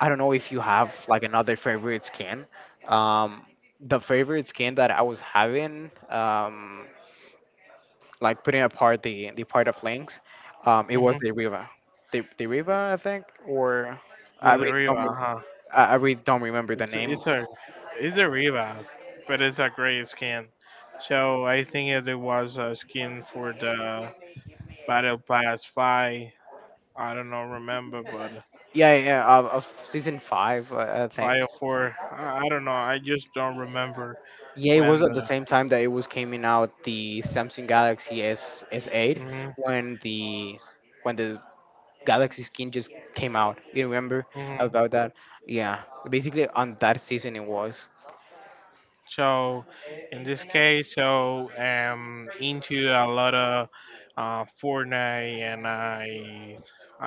[SPEAKER 1] I don't know if you have like another favorite skin. Um, the favorite skin that I was having, like putting apart the part of links, it was
[SPEAKER 2] hmm
[SPEAKER 1] the Riva, the Riva, I think, or
[SPEAKER 2] The
[SPEAKER 1] I really don't
[SPEAKER 2] Riva,
[SPEAKER 1] rem-
[SPEAKER 2] huh?
[SPEAKER 1] I really don't remember the
[SPEAKER 2] It's
[SPEAKER 1] name.
[SPEAKER 2] it's a it's a Riva, but it's a gray skin. So I think it was a skin for the Battle Pass Five. I don't know, remember, but
[SPEAKER 1] Yeah, yeah, of season five, I
[SPEAKER 2] five
[SPEAKER 1] think.
[SPEAKER 2] or four. I don't know. I just don't remember
[SPEAKER 1] Yeah, it was
[SPEAKER 2] when
[SPEAKER 1] at the
[SPEAKER 2] the.
[SPEAKER 1] same time that it was coming out the Samsung Galaxy S S8
[SPEAKER 2] Mhm,
[SPEAKER 1] when the when the Galaxy skin just came out. You remember
[SPEAKER 2] mhm.
[SPEAKER 1] about that? Yeah, basically on that season it was,
[SPEAKER 2] So, in this case, so into a lot of Fortnite, and I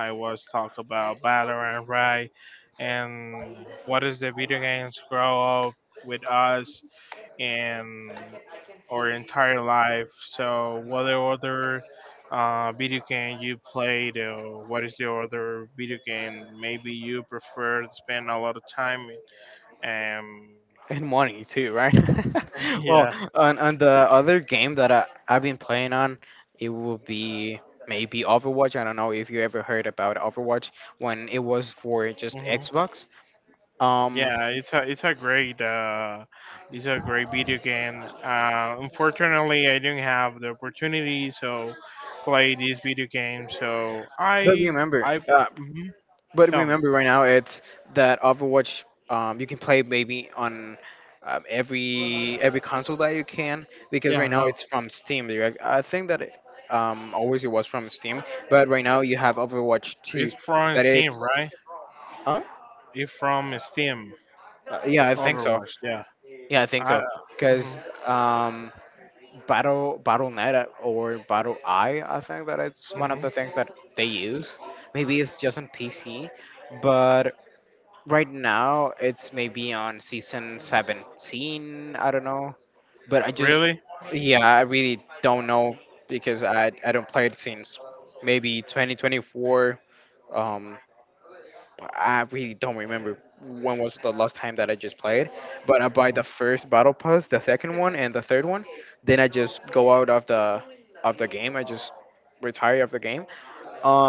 [SPEAKER 2] I was talk about Valorant, right? And what is the video games grow up with us? In our entire life. So, what other video game you played, or what is your other video game maybe you prefer to spend a lot of time in?
[SPEAKER 1] and money too, right?
[SPEAKER 2] <laughs>
[SPEAKER 1] <laughs> Well,
[SPEAKER 2] Yeah.
[SPEAKER 1] on the other game that I've been playing on, it will be maybe Overwatch. I don't know if you ever heard about Overwatch when it was for just
[SPEAKER 2] hmm
[SPEAKER 1] Xbox. Um,
[SPEAKER 2] yeah, it's a it's a great video game. Unfortunately, I didn't have the opportunity, so play this video game. So
[SPEAKER 1] but
[SPEAKER 2] I.
[SPEAKER 1] remember,
[SPEAKER 2] I
[SPEAKER 1] uh,
[SPEAKER 2] mhm.
[SPEAKER 1] But
[SPEAKER 2] Tell me.
[SPEAKER 1] remember, right now it's that Overwatch. You can play maybe on every console that you can, because right
[SPEAKER 2] Yeah,
[SPEAKER 1] now
[SPEAKER 2] no,
[SPEAKER 1] it's from Steam. Direct. I think that always it was from Steam, but right now you have Overwatch
[SPEAKER 2] it's
[SPEAKER 1] 2.
[SPEAKER 2] from
[SPEAKER 1] That
[SPEAKER 2] Steam,
[SPEAKER 1] it's,
[SPEAKER 2] right?
[SPEAKER 1] huh?
[SPEAKER 2] It's from Steam,
[SPEAKER 1] Yeah, I think so.
[SPEAKER 2] Overwatch. Yeah.
[SPEAKER 1] Yeah, I think
[SPEAKER 2] I.
[SPEAKER 1] so.
[SPEAKER 2] hmm
[SPEAKER 1] Because um, BattleNet or Battle Eye, I think that it's one of the
[SPEAKER 2] hmm
[SPEAKER 1] things that they use. Maybe it's just on PC, but right now, it's maybe on season 17. I don't know, but
[SPEAKER 2] Really?
[SPEAKER 1] yeah, I really don't know because I don't play it since maybe 2024. Um, I really don't remember when was the last time that I just played. But I buy the
[SPEAKER 2] Hmm
[SPEAKER 1] first battle pass, the second one, and the third one. Then I just go out of the game. I just retire of the game.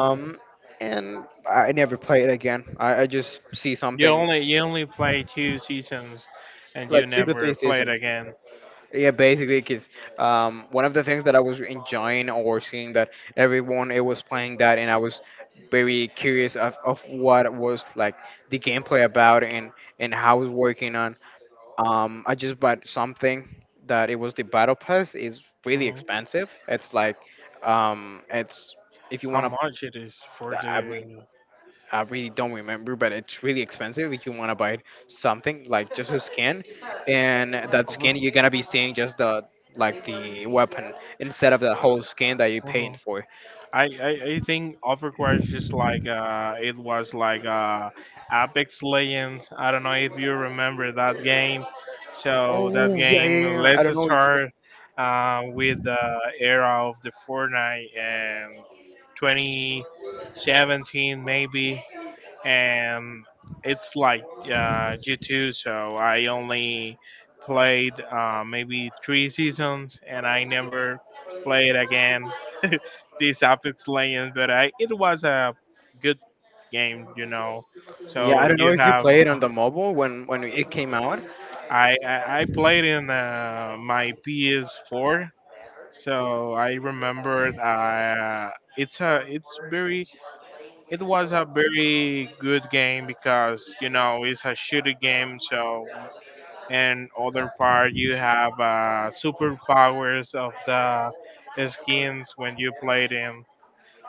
[SPEAKER 2] hmm
[SPEAKER 1] and I never play it again. I just see
[SPEAKER 2] You
[SPEAKER 1] something
[SPEAKER 2] only play two seasons, and you
[SPEAKER 1] like two to three
[SPEAKER 2] never play it
[SPEAKER 1] seasons.
[SPEAKER 2] again.
[SPEAKER 1] Yeah, basically, because one of the things that I was enjoying or seeing that everyone it was playing that, and I was very curious of what was like the gameplay about, and how it was working on. I just bought something that it was the battle pass, is really
[SPEAKER 2] Hmm
[SPEAKER 1] expensive. It's like it's if you
[SPEAKER 2] How
[SPEAKER 1] want
[SPEAKER 2] much it is for
[SPEAKER 1] to.
[SPEAKER 2] the
[SPEAKER 1] I really don't remember, but it's really expensive if you want to buy something like just a skin, and that
[SPEAKER 2] Over?
[SPEAKER 1] skin you're gonna be seeing just the weapon instead of the whole skin that you're
[SPEAKER 2] Hmm
[SPEAKER 1] paying for.
[SPEAKER 2] I think Overwatch is like it was like Apex Legends. I don't know if you remember that game. So that
[SPEAKER 1] Oh yeah, yeah,
[SPEAKER 2] game,
[SPEAKER 1] yeah, yeah.
[SPEAKER 2] let's start with the era of the Fortnite and 2017 maybe, and it's like G2, so I only played maybe three seasons, and I never played again <laughs> these Apex Legends. But I, it was a good game, you know.
[SPEAKER 1] I
[SPEAKER 2] So
[SPEAKER 1] don't know
[SPEAKER 2] you
[SPEAKER 1] if you
[SPEAKER 2] have.
[SPEAKER 1] played on
[SPEAKER 2] <laughs>
[SPEAKER 1] the mobile when it came out.
[SPEAKER 2] I played in my PS4, so I remembered. It's a it's very. It was a very good game because you know it's a shooter game. So, and other part you have superpowers of the skins when you play them,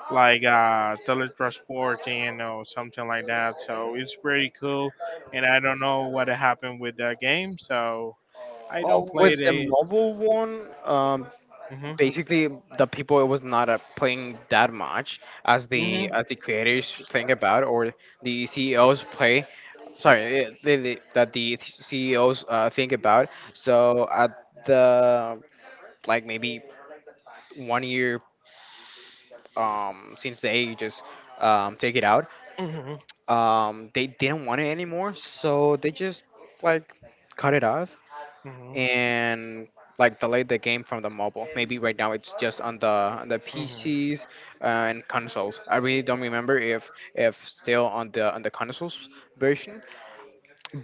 [SPEAKER 2] like teletransporting or something like that. So it's pretty cool. And I don't know what happened with that game, so I don't
[SPEAKER 1] Oh,
[SPEAKER 2] play
[SPEAKER 1] with the
[SPEAKER 2] the.
[SPEAKER 1] mobile one,
[SPEAKER 2] Hmm
[SPEAKER 1] basically the people it was not playing that much as the
[SPEAKER 2] hmm
[SPEAKER 1] as the creators think about, or the CEOs play, sorry, that the CEOs think about. So at the, like, maybe one year, since they just, take it out,
[SPEAKER 2] hmm
[SPEAKER 1] they didn't want it anymore. So they just, like, cut it off,
[SPEAKER 2] hmm
[SPEAKER 1] and, like, delayed the game from the mobile. Maybe right now it's just on the
[SPEAKER 2] hmm
[SPEAKER 1] PCs, and consoles. I really don't remember if still on the consoles version.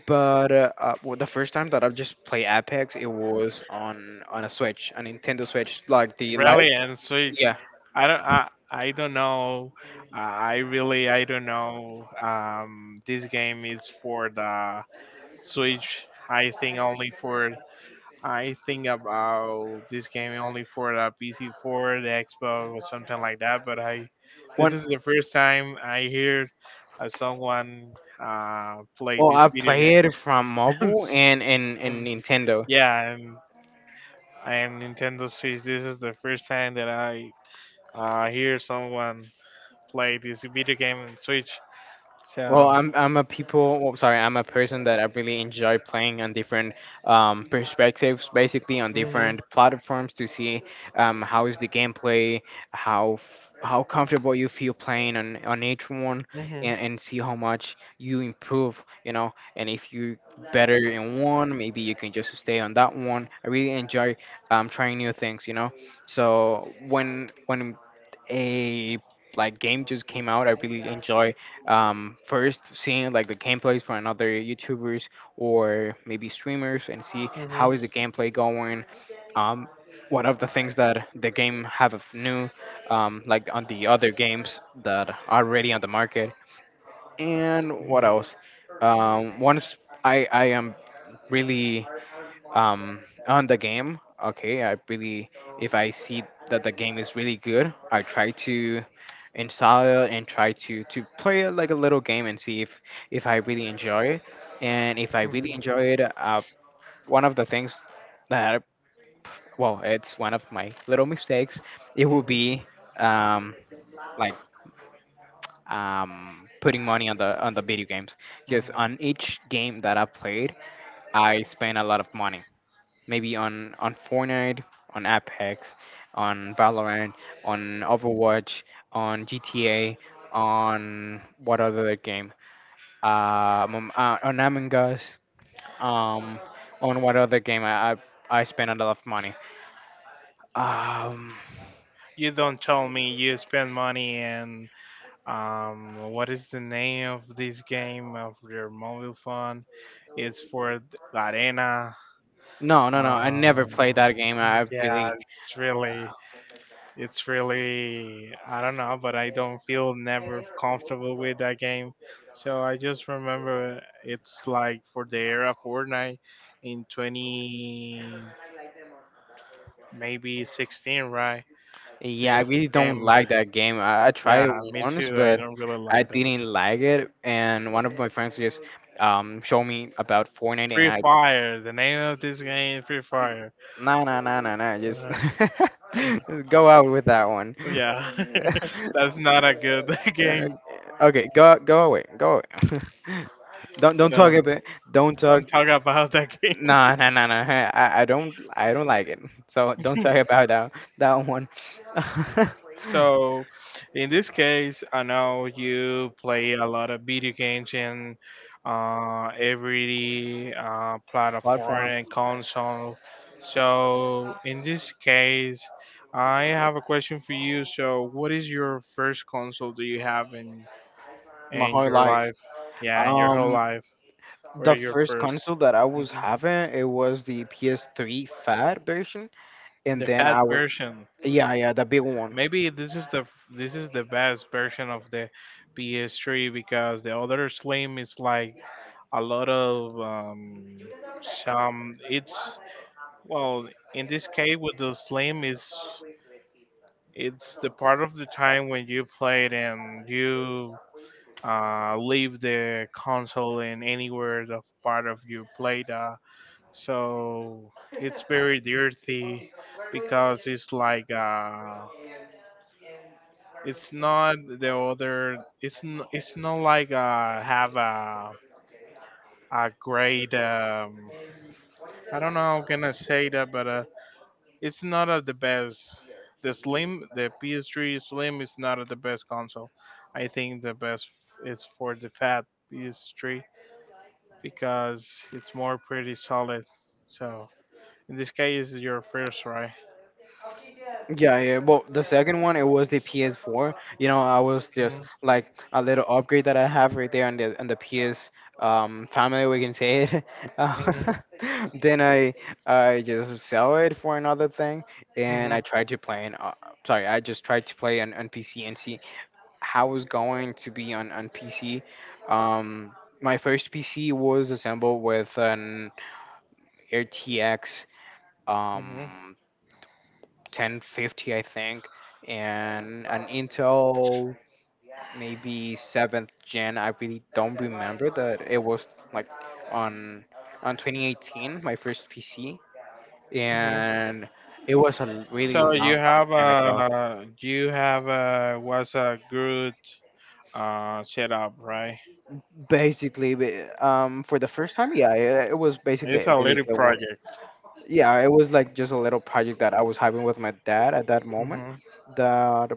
[SPEAKER 1] But well, the first time that I've just played Apex, it was on a Switch, a Nintendo Switch, like the light.
[SPEAKER 2] Really, and Switch.
[SPEAKER 1] Yeah,
[SPEAKER 2] I don't. I don't know. I really. I don't know. This game is for the Switch. I think only for. I think about this game only for the PC4, the Xbox, or something like that. But I, this
[SPEAKER 1] one.
[SPEAKER 2] is the first time I hear someone play
[SPEAKER 1] Well,
[SPEAKER 2] this
[SPEAKER 1] I
[SPEAKER 2] video
[SPEAKER 1] play it
[SPEAKER 2] game.
[SPEAKER 1] from
[SPEAKER 2] <laughs>
[SPEAKER 1] mobile and
[SPEAKER 2] Um,
[SPEAKER 1] Nintendo.
[SPEAKER 2] yeah, and Nintendo Switch. This is the first time that I hear someone play this video game on Switch.
[SPEAKER 1] Well,
[SPEAKER 2] So,
[SPEAKER 1] I'm a people. Well, sorry, I'm a person that I really enjoy playing on different perspectives, basically on
[SPEAKER 2] mhm,
[SPEAKER 1] different platforms to see how is the gameplay, how comfortable you feel playing on each one,
[SPEAKER 2] mhm,
[SPEAKER 1] and see how much you improve. You know, and if you better in one, maybe you can just stay on that one. I really enjoy trying new things. You know, so when a, like, game just came out, I really enjoy first seeing like the gameplays from another YouTubers or maybe streamers, and see how
[SPEAKER 2] mhm,
[SPEAKER 1] is the gameplay going. Um, one of the things that the game have of new, like on the other games that are already on the market, and what
[SPEAKER 2] mhm,
[SPEAKER 1] else? Once I am really um, on the game. Okay, if I see that the game is really good, I try to install it and try to play it like a little game, and see if I really enjoy it. And if I really
[SPEAKER 2] mhm,
[SPEAKER 1] enjoy it, one of the things that well, it's one of my little mistakes. It will
[SPEAKER 2] mhm,
[SPEAKER 1] be um, like, putting money on the video games, because
[SPEAKER 2] mhm.
[SPEAKER 1] on each game that I played, I spend a lot of money maybe on Fortnite, on Apex, on Valorant, on Overwatch, on GTA, on what other game? On Among Us. Um, on what other game? I spent a lot of money. Um,
[SPEAKER 2] You don't tell me you spend money and what is the name of this game of your mobile phone? It's for th- Arena.
[SPEAKER 1] no, no, no. I never
[SPEAKER 2] Um,
[SPEAKER 1] played that game.
[SPEAKER 2] yeah, it's really I don't know, but I don't feel never comfortable with that game. So I just remember it's like for the era Fortnite in 20 maybe 16, right?
[SPEAKER 1] Yeah, I
[SPEAKER 2] This
[SPEAKER 1] really don't
[SPEAKER 2] game,
[SPEAKER 1] like that game. I tried
[SPEAKER 2] yeah,
[SPEAKER 1] it
[SPEAKER 2] me
[SPEAKER 1] once,
[SPEAKER 2] too. I
[SPEAKER 1] but
[SPEAKER 2] don't really
[SPEAKER 1] I
[SPEAKER 2] like that.
[SPEAKER 1] didn't like it. And one of my friends just showed me about Fortnite, and
[SPEAKER 2] Free
[SPEAKER 1] I
[SPEAKER 2] Fire, the name of this game, is Free
[SPEAKER 1] mm,
[SPEAKER 2] Fire.
[SPEAKER 1] nah, nah, nah, nah, nah. Just,
[SPEAKER 2] Uh,
[SPEAKER 1] <laughs> just go out with that one.
[SPEAKER 2] yeah, <laughs>
[SPEAKER 1] <laughs>
[SPEAKER 2] that's not a good <laughs>
[SPEAKER 1] Uh,
[SPEAKER 2] game.
[SPEAKER 1] okay, go away, go away. <laughs> Don't
[SPEAKER 2] So
[SPEAKER 1] talk about.
[SPEAKER 2] don't
[SPEAKER 1] Don't talk.
[SPEAKER 2] talk about that game.
[SPEAKER 1] Nah, nah, nah, nah. Hey, I don't like it. So don't
[SPEAKER 2] <laughs>
[SPEAKER 1] talk about that one. <laughs>
[SPEAKER 2] So, in this case, I know you play a lot of video games in every platform
[SPEAKER 1] Platform,
[SPEAKER 2] and console. So, in this case, I have a question for you. So, what is your first console do you have in
[SPEAKER 1] my whole
[SPEAKER 2] your
[SPEAKER 1] life.
[SPEAKER 2] life? Yeah, in your whole
[SPEAKER 1] Um,
[SPEAKER 2] life. Where
[SPEAKER 1] the
[SPEAKER 2] is your
[SPEAKER 1] first
[SPEAKER 2] 1st?
[SPEAKER 1] console that I was
[SPEAKER 2] Hmm
[SPEAKER 1] having, it was the PS3 Fat version, and
[SPEAKER 2] The
[SPEAKER 1] then
[SPEAKER 2] fat
[SPEAKER 1] I was,
[SPEAKER 2] version.
[SPEAKER 1] yeah, yeah, the big one.
[SPEAKER 2] Maybe this is this is the best version of the PS3 because the other Slim is like a lot of some. It's well in this case with the Slim is it's the part of the time when you play it and you leave the console in anywhere the part of your play data. So it's very dirty because it's like it's not the other. It's not like have a great I don't know how can I say that, but it's not at the best. The Slim, the PS3 Slim is not at the best console. I think the best is for the fat PS3 because it's more pretty solid. So in this case, it's your first, right?
[SPEAKER 1] Yeah, yeah. Well, the second one it was the PS4. You know, I was just
[SPEAKER 2] hmm
[SPEAKER 1] like a little upgrade that I have right there on the PS family, we can say it. <laughs> Uh, <laughs> then I just sell it for another thing, and
[SPEAKER 2] hmm
[SPEAKER 1] I tried to play an. Sorry, I just tried to play on PC and see how it's going to be on PC. Um, my first PC was assembled with an RTX.
[SPEAKER 2] hmm
[SPEAKER 1] Um, 1050, I think, and an Intel maybe seventh gen. I really don't remember that, it was like on 2018, my first PC,
[SPEAKER 2] hmm
[SPEAKER 1] and it was a really
[SPEAKER 2] So you
[SPEAKER 1] long
[SPEAKER 2] have
[SPEAKER 1] time ago.
[SPEAKER 2] a was a good setup, right?
[SPEAKER 1] Basically, for the first time, yeah, it was basically a
[SPEAKER 2] It's a
[SPEAKER 1] really
[SPEAKER 2] little
[SPEAKER 1] good one.
[SPEAKER 2] project.
[SPEAKER 1] Yeah, it was like just a little project that I was having with my dad at that moment,
[SPEAKER 2] Hmm
[SPEAKER 1] that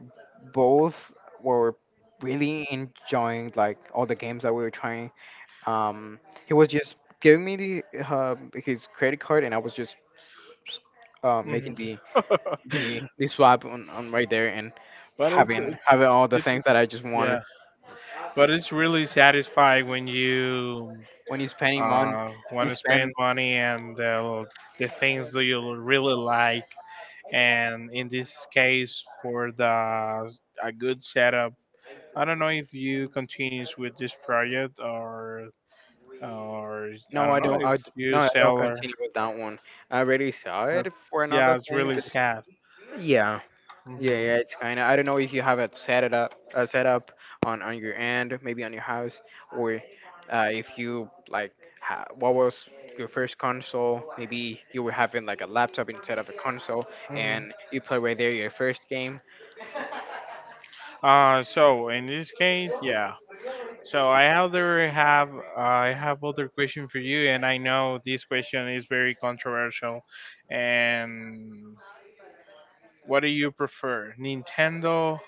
[SPEAKER 1] both were really enjoying like all the games that we were trying. um he was just giving me the his credit card, and I was just
[SPEAKER 2] hmm
[SPEAKER 1] making the
[SPEAKER 2] <laughs>
[SPEAKER 1] the the swap on, right there, and
[SPEAKER 2] but
[SPEAKER 1] having
[SPEAKER 2] it's
[SPEAKER 1] having all the things that I just
[SPEAKER 2] Yeah,
[SPEAKER 1] wanted.
[SPEAKER 2] but it's really satisfying when you
[SPEAKER 1] When you spending money,
[SPEAKER 2] want
[SPEAKER 1] you
[SPEAKER 2] to spend
[SPEAKER 1] spend.
[SPEAKER 2] money and the things that you really like. And in this case, for the a good setup, I don't know if you continues with this project or I
[SPEAKER 1] no
[SPEAKER 2] don't
[SPEAKER 1] i
[SPEAKER 2] know
[SPEAKER 1] don't
[SPEAKER 2] if
[SPEAKER 1] I, no
[SPEAKER 2] you
[SPEAKER 1] I don't
[SPEAKER 2] sell her.
[SPEAKER 1] continue with that one. I already saw
[SPEAKER 2] That's
[SPEAKER 1] it for
[SPEAKER 2] Yeah,
[SPEAKER 1] another
[SPEAKER 2] it's
[SPEAKER 1] thing
[SPEAKER 2] really
[SPEAKER 1] 'cause—
[SPEAKER 2] sad.
[SPEAKER 1] yeah. Yeah,
[SPEAKER 2] Hmm
[SPEAKER 1] yeah, it's kind of. I don't know if you have it set up on your end, maybe on your house, or if you like, what was your first console? Maybe you were having like a laptop instead of a console, and
[SPEAKER 2] hmm
[SPEAKER 1] you play right there your first game.
[SPEAKER 2] So in this case, yeah. So I have other question for you, and I know this question is very controversial. And what do you prefer, Nintendo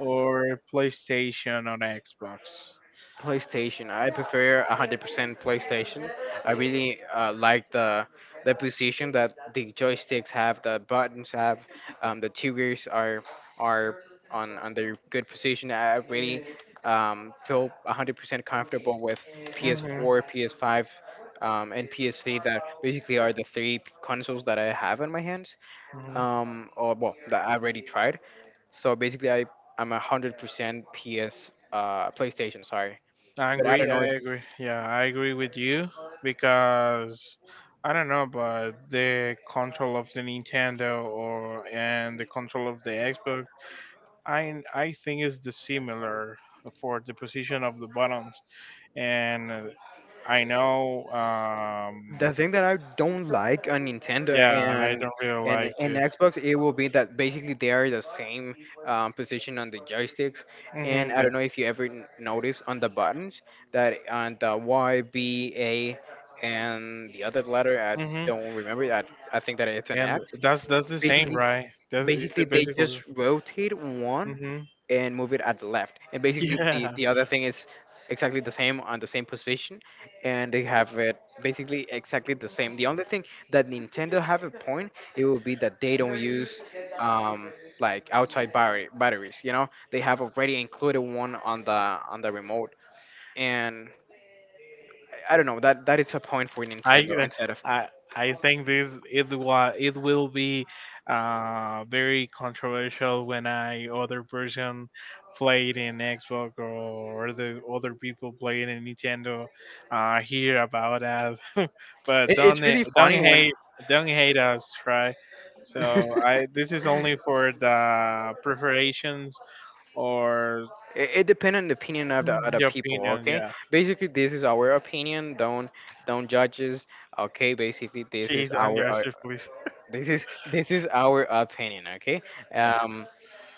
[SPEAKER 2] or PlayStation or Xbox?
[SPEAKER 1] PlayStation. I prefer 100% PlayStation. I really like the position that the joysticks have, the buttons have, the triggers are are on their good position. I really feel 100% comfortable with
[SPEAKER 2] Mm-hmm.
[SPEAKER 1] PS4, PS5, and PS3. That basically are the three consoles that I have in my hands.
[SPEAKER 2] Mm-hmm.
[SPEAKER 1] Or well, that I already tried. So basically, I'm 100% PS PlayStation. Sorry,
[SPEAKER 2] I
[SPEAKER 1] but I
[SPEAKER 2] agree.
[SPEAKER 1] don't know. If,
[SPEAKER 2] I agree. Yeah, I agree with you because I don't know, but the control of the Nintendo or and the control of the Xbox, I think is the similar for the position of the buttons. And I know,
[SPEAKER 1] The thing that I don't like on Nintendo
[SPEAKER 2] yeah, I
[SPEAKER 1] and
[SPEAKER 2] don't really like to.
[SPEAKER 1] Xbox, it will be that basically they are the same, position on the joysticks, and
[SPEAKER 2] Mm-hmm,
[SPEAKER 1] I
[SPEAKER 2] the,
[SPEAKER 1] don't know if you ever notice on the buttons, that on the Y, B, A, and the other letter I
[SPEAKER 2] mm-hmm.
[SPEAKER 1] don't remember. I think that it's an
[SPEAKER 2] And
[SPEAKER 1] X.
[SPEAKER 2] that's the same,
[SPEAKER 1] Basically,
[SPEAKER 2] right? That is the
[SPEAKER 1] basically, they
[SPEAKER 2] basically.
[SPEAKER 1] just rotate one
[SPEAKER 2] Mm-hmm.
[SPEAKER 1] and move it at the left. And
[SPEAKER 2] <laughs>
[SPEAKER 1] basically, the
[SPEAKER 2] Yeah.
[SPEAKER 1] the other thing is exactly the same on the same position, and they have it basically exactly the same. The only thing that Nintendo have a point, it would be that they don't use um like outside battery batteries. You know, they have already included one on the remote. And I don't know, that that is a point for Nintendo
[SPEAKER 2] I
[SPEAKER 1] instead of—
[SPEAKER 2] I I think this it will be very controversial when I other person play it in Xbox or the other people play it in Nintendo hear about us. <laughs> But
[SPEAKER 1] it, it's really funny when—
[SPEAKER 2] don't hate us, right? So
[SPEAKER 1] <laughs>
[SPEAKER 2] I this is only for the preparations or
[SPEAKER 1] It depends on the opinion of the other
[SPEAKER 2] the
[SPEAKER 1] people.
[SPEAKER 2] opinion,
[SPEAKER 1] Okay,
[SPEAKER 2] yeah.
[SPEAKER 1] basically this is our opinion. Don't judge us. Okay, basically this is
[SPEAKER 2] Please don't
[SPEAKER 1] our
[SPEAKER 2] judge us, please.
[SPEAKER 1] <laughs> this is our opinion. Okay,
[SPEAKER 2] Yeah.
[SPEAKER 1] um,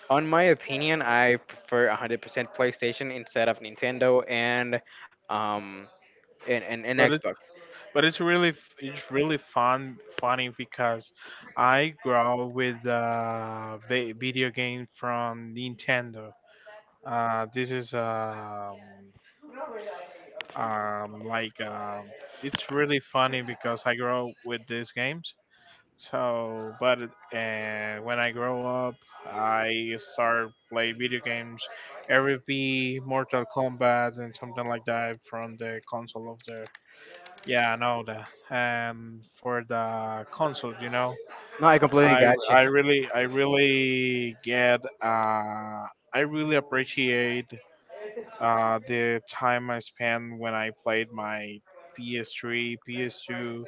[SPEAKER 1] on my opinion, I prefer 100% PlayStation instead of Nintendo and um and
[SPEAKER 2] But.
[SPEAKER 1] Xbox.
[SPEAKER 2] But it's really funny because I grew up with video game from Nintendo. This is like It's really funny because I grew up with these games. So, but when I grow up, I start play video games, RFB, Mortal Kombat, and something like that from the console of the yeah, I know that. And for the console, you know,
[SPEAKER 1] No, I completely
[SPEAKER 2] I
[SPEAKER 1] got you.
[SPEAKER 2] I really get I really appreciate the time I spent when I played my PS3, PS2,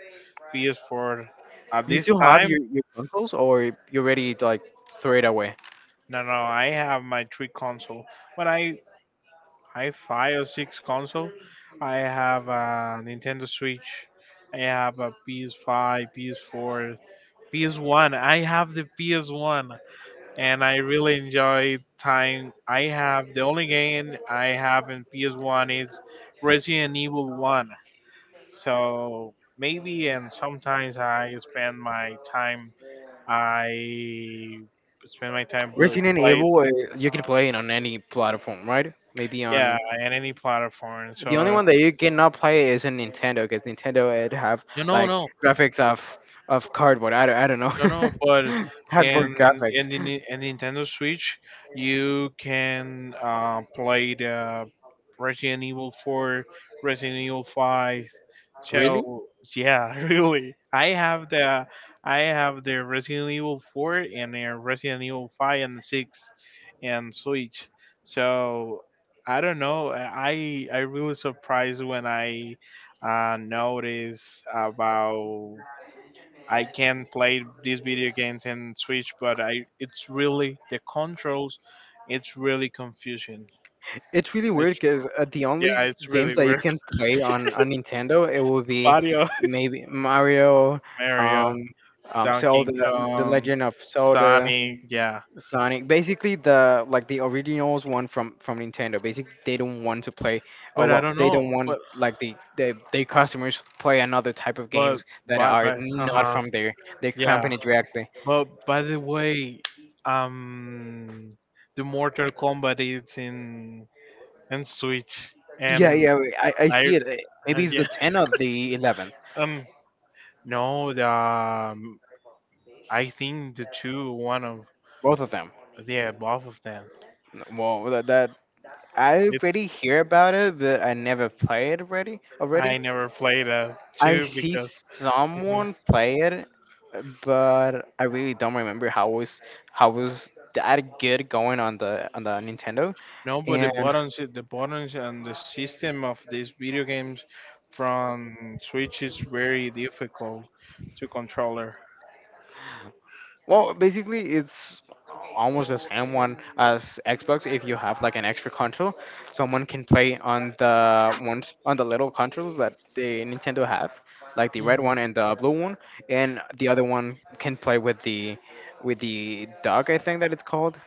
[SPEAKER 2] PS4. At
[SPEAKER 1] You
[SPEAKER 2] this
[SPEAKER 1] still have
[SPEAKER 2] time,
[SPEAKER 1] your consoles, or you already like throw it away?
[SPEAKER 2] no, no, I have my three console. When I five or six console, I have a Nintendo Switch. I have a PS5, PS4. PS1. I have the PS1 and I really enjoy time. I have the only game I have in PS1 is Resident Evil 1. So maybe and sometimes I spend my time I spend my time play,
[SPEAKER 1] Resident
[SPEAKER 2] play.
[SPEAKER 1] Evil, you can play it on any platform, right? Maybe
[SPEAKER 2] Yeah,
[SPEAKER 1] on—
[SPEAKER 2] and any platform.
[SPEAKER 1] the only
[SPEAKER 2] So
[SPEAKER 1] one that you cannot play is a Nintendo, because Nintendo it have
[SPEAKER 2] you know,
[SPEAKER 1] like
[SPEAKER 2] no,
[SPEAKER 1] graphics of cardboard. I don't
[SPEAKER 2] no. No, but
[SPEAKER 1] know, <laughs> cardboard
[SPEAKER 2] in
[SPEAKER 1] graphics.
[SPEAKER 2] in Nintendo Switch, you can play the Resident Evil 4, Resident Evil 5.
[SPEAKER 1] Really?
[SPEAKER 2] So yeah, <laughs> really, I have the Resident Evil 4 and the Resident Evil 5 and 6 and Switch. So I don't know. I really surprised when I noticed about I can play these video games in Switch, but I it's really the controls. It's really confusing.
[SPEAKER 1] It's really weird
[SPEAKER 2] It's
[SPEAKER 1] because the
[SPEAKER 2] Yeah,
[SPEAKER 1] only
[SPEAKER 2] it's
[SPEAKER 1] games
[SPEAKER 2] really
[SPEAKER 1] that you
[SPEAKER 2] weird.
[SPEAKER 1] can play on Nintendo, it will be
[SPEAKER 2] <laughs> Mario,
[SPEAKER 1] maybe Mario,
[SPEAKER 2] Mario,
[SPEAKER 1] um,
[SPEAKER 2] Donkey
[SPEAKER 1] Zelda, the
[SPEAKER 2] Kong,
[SPEAKER 1] Legend of Zelda,
[SPEAKER 2] Sonic, yeah.
[SPEAKER 1] Sonic, basically the like the originals one from Nintendo. Basically, they don't want to play. Oh
[SPEAKER 2] But I
[SPEAKER 1] well,
[SPEAKER 2] don't
[SPEAKER 1] they
[SPEAKER 2] know.
[SPEAKER 1] don't want like their customers play another type of
[SPEAKER 2] But
[SPEAKER 1] games that are
[SPEAKER 2] by uh
[SPEAKER 1] not
[SPEAKER 2] huh
[SPEAKER 1] from their
[SPEAKER 2] yeah.
[SPEAKER 1] company directly.
[SPEAKER 2] But by the way, um, the Mortal Kombat is in Switch,
[SPEAKER 1] Yeah,
[SPEAKER 2] and
[SPEAKER 1] yeah, I
[SPEAKER 2] I
[SPEAKER 1] see it. Maybe
[SPEAKER 2] <laughs>
[SPEAKER 1] it's the
[SPEAKER 2] yeah
[SPEAKER 1] 10 or the 11th,
[SPEAKER 2] um no the I think the two, one of
[SPEAKER 1] both of them.
[SPEAKER 2] yeah, both of them.
[SPEAKER 1] Well, that I already
[SPEAKER 2] It's
[SPEAKER 1] hear about it, but I never play it already. Already,
[SPEAKER 2] I never played a
[SPEAKER 1] I
[SPEAKER 2] two
[SPEAKER 1] see
[SPEAKER 2] because Mhm.
[SPEAKER 1] someone play it, but I really don't remember how was that, good going on the Nintendo.
[SPEAKER 2] No, but the
[SPEAKER 1] And
[SPEAKER 2] buttons, and the system of these video games from Switch is very difficult to controller.
[SPEAKER 1] well, basically it's almost the same one as Xbox if you have like an extra control. Someone can play on the ones, on the little controls that the Nintendo have, like the red
[SPEAKER 2] Hmm
[SPEAKER 1] one and the blue one, and the other one can play with the duck, I think that it's called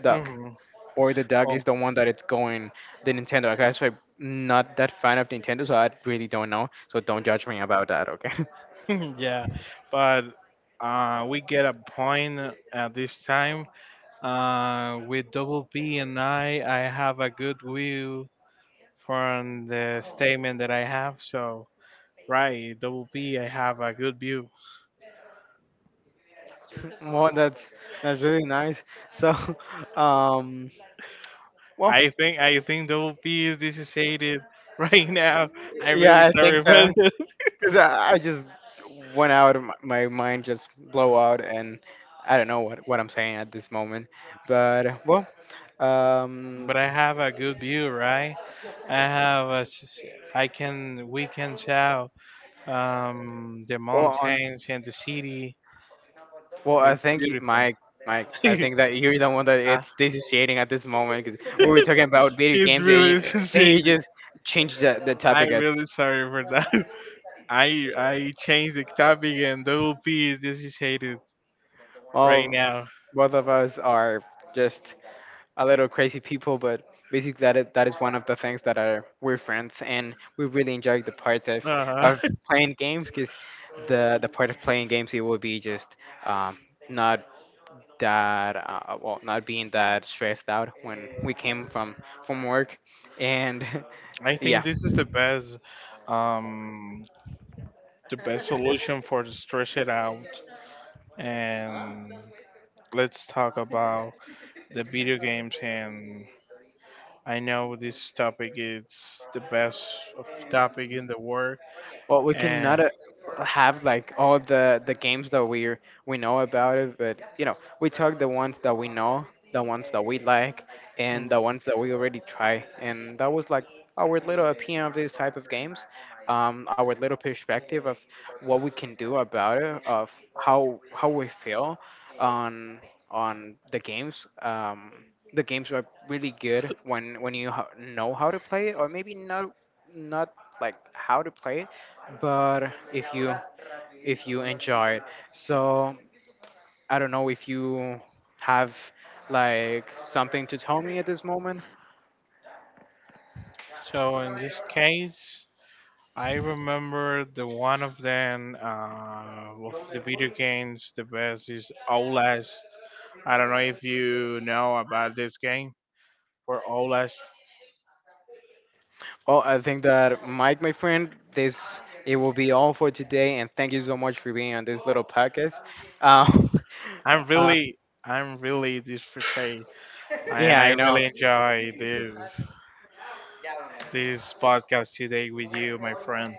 [SPEAKER 1] duck,
[SPEAKER 2] hmm
[SPEAKER 1] or the dog,
[SPEAKER 2] Oh,
[SPEAKER 1] is the one that it's going the Nintendo. Like, I guess I'm not that fan of Nintendo, so I really don't know. So don't judge me about that, okay?
[SPEAKER 2] <laughs> yeah, but we get a point at this time. With double P and I have a good view from the statement that I have, so. Right, double P. I have a good view.
[SPEAKER 1] <laughs> Well, that's really nice. So, <laughs> um, well,
[SPEAKER 2] I think double P is dissociated <laughs> right now. I'm really
[SPEAKER 1] yeah, I think
[SPEAKER 2] sorry
[SPEAKER 1] so.
[SPEAKER 2] about it,
[SPEAKER 1] 'Cause I just went out of my mind, just blow out, and I don't know what I'm saying at this moment. But well,
[SPEAKER 2] <laughs>
[SPEAKER 1] um,
[SPEAKER 2] but I have a good view, right? I have I can we can tell the
[SPEAKER 1] well on.
[SPEAKER 2] mountains and the city.
[SPEAKER 1] Well, I
[SPEAKER 2] It's
[SPEAKER 1] think
[SPEAKER 2] beautiful.
[SPEAKER 1] Mike, Mike, I
[SPEAKER 2] <laughs>
[SPEAKER 1] think that you're the one that
[SPEAKER 2] Uh,
[SPEAKER 1] it's dissociating at this moment, because we were talking about video
[SPEAKER 2] it's
[SPEAKER 1] games, and
[SPEAKER 2] really <laughs>
[SPEAKER 1] you
[SPEAKER 2] dissociated.
[SPEAKER 1] just changed the topic.
[SPEAKER 2] I'm
[SPEAKER 1] At
[SPEAKER 2] really sorry for that. <laughs> I changed the topic and double P is dissociated right
[SPEAKER 1] all,
[SPEAKER 2] now.
[SPEAKER 1] both of us are just a little crazy people, but basically that is, one of the things that are, we're friends, and we really enjoy the part of,
[SPEAKER 2] Uh-huh.
[SPEAKER 1] of playing games, because the part of playing games, it will be just, um, not that well, not being that stressed out when we came from work, and
[SPEAKER 2] I
[SPEAKER 1] <laughs> yeah.
[SPEAKER 2] think this is um, the best solution for to stretch it out. And let's talk about the video games. And I know this topic is the best of topic in the world.
[SPEAKER 1] Well, we cannot
[SPEAKER 2] And
[SPEAKER 1] have like all the games that we know about it, but we talk the ones that we know, the ones that we like,
[SPEAKER 2] mm,
[SPEAKER 1] and the ones that we already try, and that was like our little opinion of these type of games, our little perspective of what we can do about it, of how we feel on the games. The games are really good when you know how to play it, or maybe not not like how to play it, but if you enjoy it. So I don't know if you have like something to tell me at this moment.
[SPEAKER 2] so in this case, I remember the one of them of the video games. The best is Outlast. I don't know if you know about this game for Outlast.
[SPEAKER 1] Well, I think that Mike, my friend, this it will be all for today, and thank you so much for being on this little podcast. Um,
[SPEAKER 2] I'm
[SPEAKER 1] <laughs> uh,
[SPEAKER 2] really, I'm really this frustrated, and
[SPEAKER 1] yeah,
[SPEAKER 2] I
[SPEAKER 1] I know.
[SPEAKER 2] really enjoy this this podcast today with you, my friend.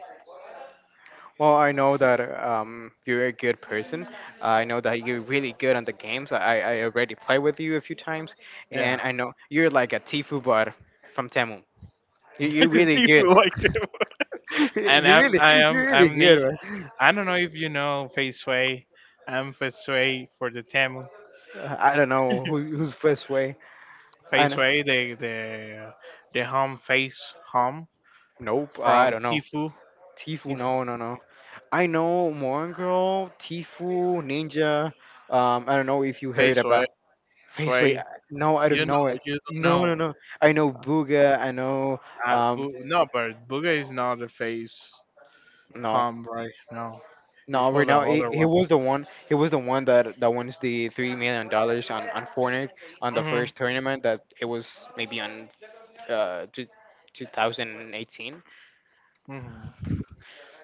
[SPEAKER 1] Well, I know that you're a good person. I know that you're really good on the games. I already played with you a few times, and
[SPEAKER 2] Yeah,
[SPEAKER 1] I know you're like a Tifu bot from Temu. You're
[SPEAKER 2] <laughs> do
[SPEAKER 1] really
[SPEAKER 2] you
[SPEAKER 1] good.
[SPEAKER 2] like to?
[SPEAKER 1] <laughs>
[SPEAKER 2] And
[SPEAKER 1] you're really you're really
[SPEAKER 2] I'm
[SPEAKER 1] good, man.
[SPEAKER 2] I don't know if you know Fei Sui. I'm Fei Sui for the Temu.
[SPEAKER 1] I don't know who's first way. I
[SPEAKER 2] Fei
[SPEAKER 1] know.
[SPEAKER 2] Sui, the home face home
[SPEAKER 1] Nope, I
[SPEAKER 2] from
[SPEAKER 1] don't know.
[SPEAKER 2] Tifu.
[SPEAKER 1] Tifu.
[SPEAKER 2] Tifu
[SPEAKER 1] No. No. No. I know Morn Girl, Tifu, Ninja. I don't know if you
[SPEAKER 2] Fei
[SPEAKER 1] heard
[SPEAKER 2] Sui.
[SPEAKER 1] about. Faceway.
[SPEAKER 2] Sui.
[SPEAKER 1] No, I
[SPEAKER 2] You
[SPEAKER 1] don't know
[SPEAKER 2] know,
[SPEAKER 1] it.
[SPEAKER 2] you don't
[SPEAKER 1] No, no,
[SPEAKER 2] know.
[SPEAKER 1] no. I know Booga. I know. Um,
[SPEAKER 2] No, but Buga is not a face.
[SPEAKER 1] no,
[SPEAKER 2] Right now,
[SPEAKER 1] no.
[SPEAKER 2] it's
[SPEAKER 1] Right
[SPEAKER 2] was the
[SPEAKER 1] now,
[SPEAKER 2] other
[SPEAKER 1] he
[SPEAKER 2] one.
[SPEAKER 1] was the one. He was the one that wins the $3 million on Fortnite on the
[SPEAKER 2] Mm-hmm.
[SPEAKER 1] first tournament. That it was maybe on uh two, 2018.
[SPEAKER 2] Mm-hmm.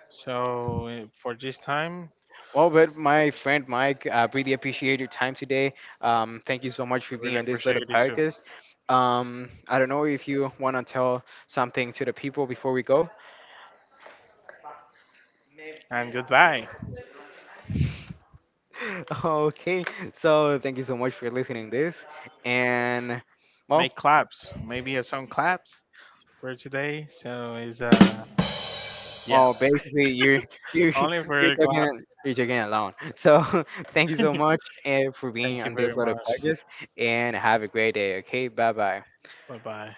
[SPEAKER 2] So for this time,
[SPEAKER 1] Well, but my friend Mike, I really appreciate your time today. Thank you so much for
[SPEAKER 2] I
[SPEAKER 1] being
[SPEAKER 2] really
[SPEAKER 1] on this
[SPEAKER 2] appreciate
[SPEAKER 1] little
[SPEAKER 2] it too.
[SPEAKER 1] podcast. I don't know if you want to tell something to the people before we go.
[SPEAKER 2] And goodbye.
[SPEAKER 1] <laughs> Okay, so thank you so much for listening this, and well,
[SPEAKER 2] Make claps. Maybe a song claps for today. So it's yeah,
[SPEAKER 1] basically you're <laughs> you're
[SPEAKER 2] only
[SPEAKER 1] you're
[SPEAKER 2] for a clap.
[SPEAKER 1] talking you're talking alone. So <laughs> thank
[SPEAKER 2] <laughs>
[SPEAKER 1] you so
[SPEAKER 2] Thank
[SPEAKER 1] much for being
[SPEAKER 2] you
[SPEAKER 1] on
[SPEAKER 2] very
[SPEAKER 1] this little
[SPEAKER 2] much.
[SPEAKER 1] podcast, and have a great day. Okay, bye bye.
[SPEAKER 2] Bye bye.